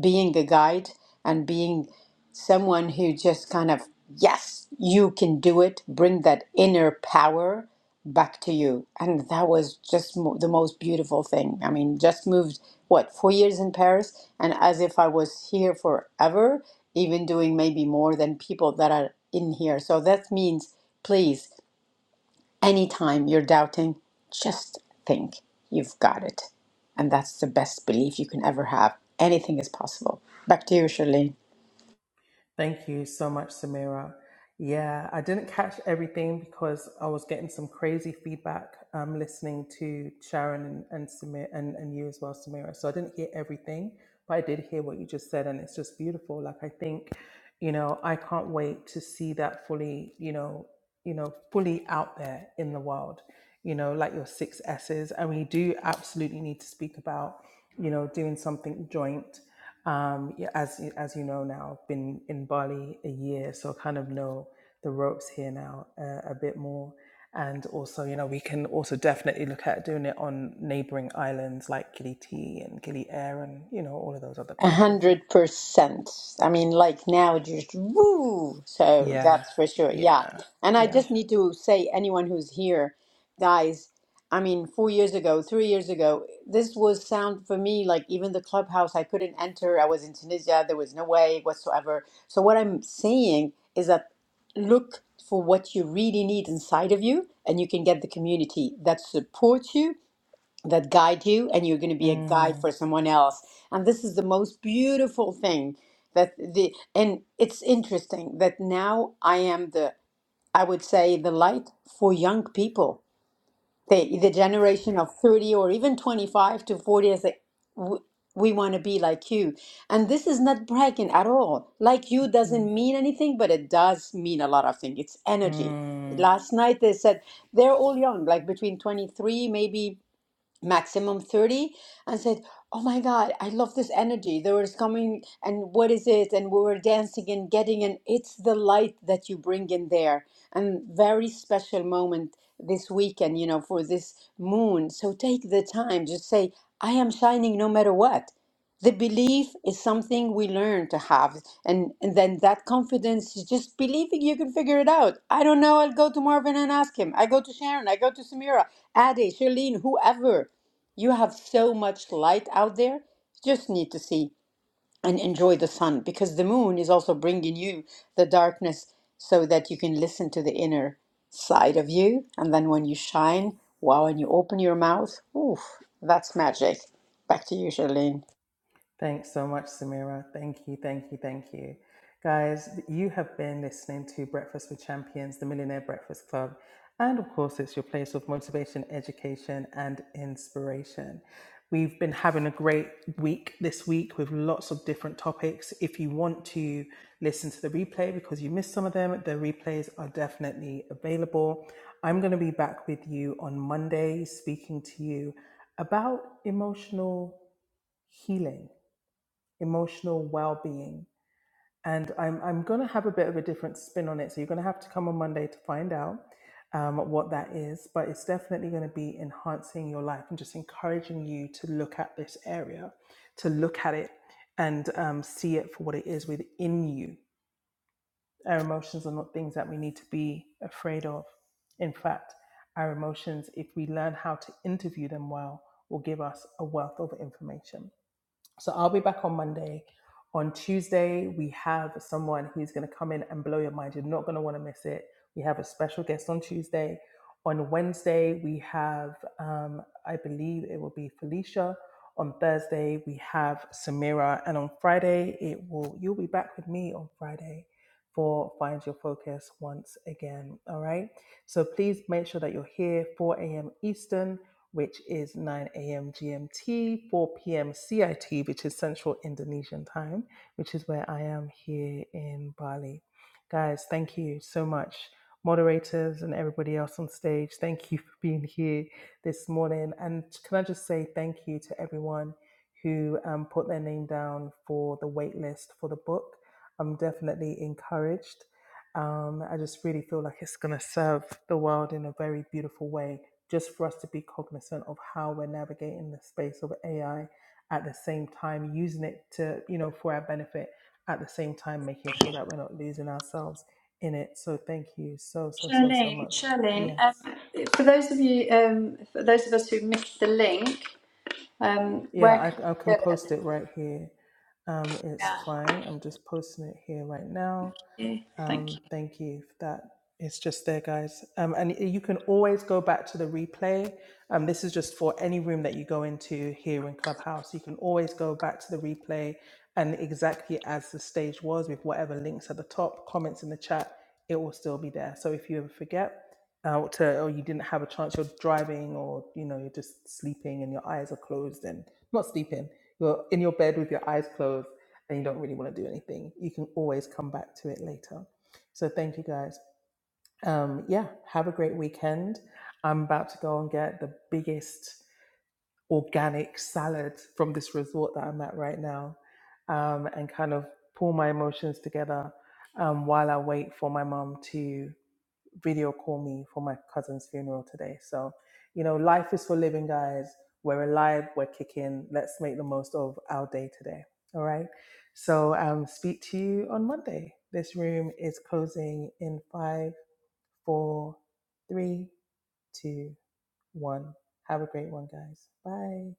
S9: being the guide and being someone who just kind of, yes, you can do it, bring that inner power back to you. And that was just mo- the most beautiful thing. I mean, just moved, what, four years in Paris? And as if I was here forever, even doing maybe more than people that are in here. So that means, please. Anytime you're doubting, just think you've got it. And that's the best belief you can ever have. Anything is possible. Back to you, Charlene.
S1: Thank you so much, Samira. Yeah, I didn't catch everything because I was getting some crazy feedback um, listening to Sharon and and, Samir, and and you as well, Samira. So I didn't hear everything, but I did hear what you just said, and it's just beautiful. Like I think, you know, I can't wait to see that fully, you know, you know, fully out there in the world. You know, like your six S's, and we do absolutely need to speak about, you know, doing something joint um, yeah, as you- as you know now, I've been in Bali a year, so I kind of know the ropes here now uh, a bit more. And also, you know, we can also definitely look at doing it on neighboring islands like Gili Tea and Gili Air, and you know, all of those other
S9: A
S1: places.
S9: hundred percent. I mean, like now, just woo. So
S1: Yeah,
S9: that's for sure. Yeah.
S1: yeah,
S9: And I
S1: yeah.
S9: just need to say, anyone who's here, guys, I mean, four years ago, three years ago, this was sound for me like even the clubhouse, I couldn't enter. I was in Tunisia. There was no way whatsoever. So what I'm saying is that look for what you really need inside of you, and you can get the community that supports you that guide you and you're going to be a guide
S1: Mm,
S9: for someone else and this is the most beautiful thing that the and it's interesting that now i am the i would say the light for young people the the generation of 30 or even 25 to 40 is like "W- we want to be like you and this is not bragging at all like you
S1: mm,
S9: doesn't mean anything but it does mean a lot of things it's energy
S1: mm.
S9: last night they said they're all young like between 23 maybe maximum 30 and said oh my god i love this energy there was coming and what is it and we were dancing and getting and it's the light that you bring in there and very special moment this weekend you know for this moon so take the time just say i am shining no matter what the belief is something we learn to have and, and then that confidence is just believing you can figure it out i don't know i'll go to marvin and ask him i go to sharon i go to samira Ade, Charlene, whoever. You have so much light out there. just need to see and enjoy the sun because the moon is also bringing you the darkness so that you can listen to the inner side of you. And then when you shine, wow, and you open your mouth, oof, that's magic. Back to you, Charlene.
S1: Thanks so much, Samira. Thank you, thank you, thank you. Guys, you have been listening to Breakfast with Champions, the Millionaire Breakfast Club. And of course, it's your place of motivation, education, and inspiration. We've been having a great week this week with lots of different topics. If you want to listen to the replay because you missed some of them, the replays are definitely available. I'm going to be back with you on Monday speaking to you about emotional healing emotional well-being and i'm, I'm going to have a bit of a different spin on it so you're going to have to come on monday to find out um, what that is but it's definitely going to be enhancing your life and just encouraging you to look at this area to look at it and um, see it for what it is within you our emotions are not things that we need to be afraid of in fact our emotions if we learn how to interview them well will give us a wealth of information so i'll be back on monday on Tuesday, we have someone who's going to come in and blow your mind. You're not going to want to miss it. We have a special guest on Tuesday. On Wednesday, we have, um, I believe it will be Felicia. On Thursday, we have Samira. And on Friday, it will you'll be back with me on Friday for Find Your Focus once again. All right. So please make sure that you're here 4 a.m. Eastern which is 9 a.m. GMT, 4 p.m. CIT, which is Central Indonesian time which is where I am here in Bali. Guys, thank you so much. Moderators and everybody else on stage, thank you for being here this morning. And can I just say thank you to everyone who um, put their name down for the wait list for the book? I'm definitely encouraged. Um, I just really feel like it's going to serve the world in a very beautiful way, just for us to be cognizant of how we're navigating the space of AI at the same time using it to you know for our benefit at the same time making sure that we're not losing ourselves in it so thank you so so so so
S6: Charlene,
S1: much
S6: Charlene, um,
S1: yes
S6: for those of you, um, for those of us who missed the link, um, where
S1: yeah
S6: can
S1: i, I
S6: we
S1: can
S6: get it?
S1: post it right here um it's
S6: Yeah.
S1: fine i'm just posting it here right now
S6: Yeah, Thank you.
S1: Um, thank you for that. It's just there, guys. Um, and you can always go back to the replay. Um, this is just for any room that you go into here in Clubhouse. You can always go back to the replay and exactly as the stage was with whatever links at the top, comments in the chat, it will still be there. So if you ever forget uh, to, or you didn't have a chance, you're driving or, you know, you're just sleeping and your eyes are closed and not sleeping, you're in your bed with your eyes closed and you don't really want to do anything, you can always come back to it later. So thank you guys. Um, yeah, have a great weekend. I'm about to go and get the biggest organic salad from this resort that I'm at right now um, and kind of pull my emotions together um, while I wait for my mum to video call me for my cousin's funeral today. So, you know, life is for living, guys. We're alive, we're kicking. Let's make the most of our day today. All right. So, um, speak to you on Monday. This room is closing in five four, three, two, one. Have a great one, guys. Bye.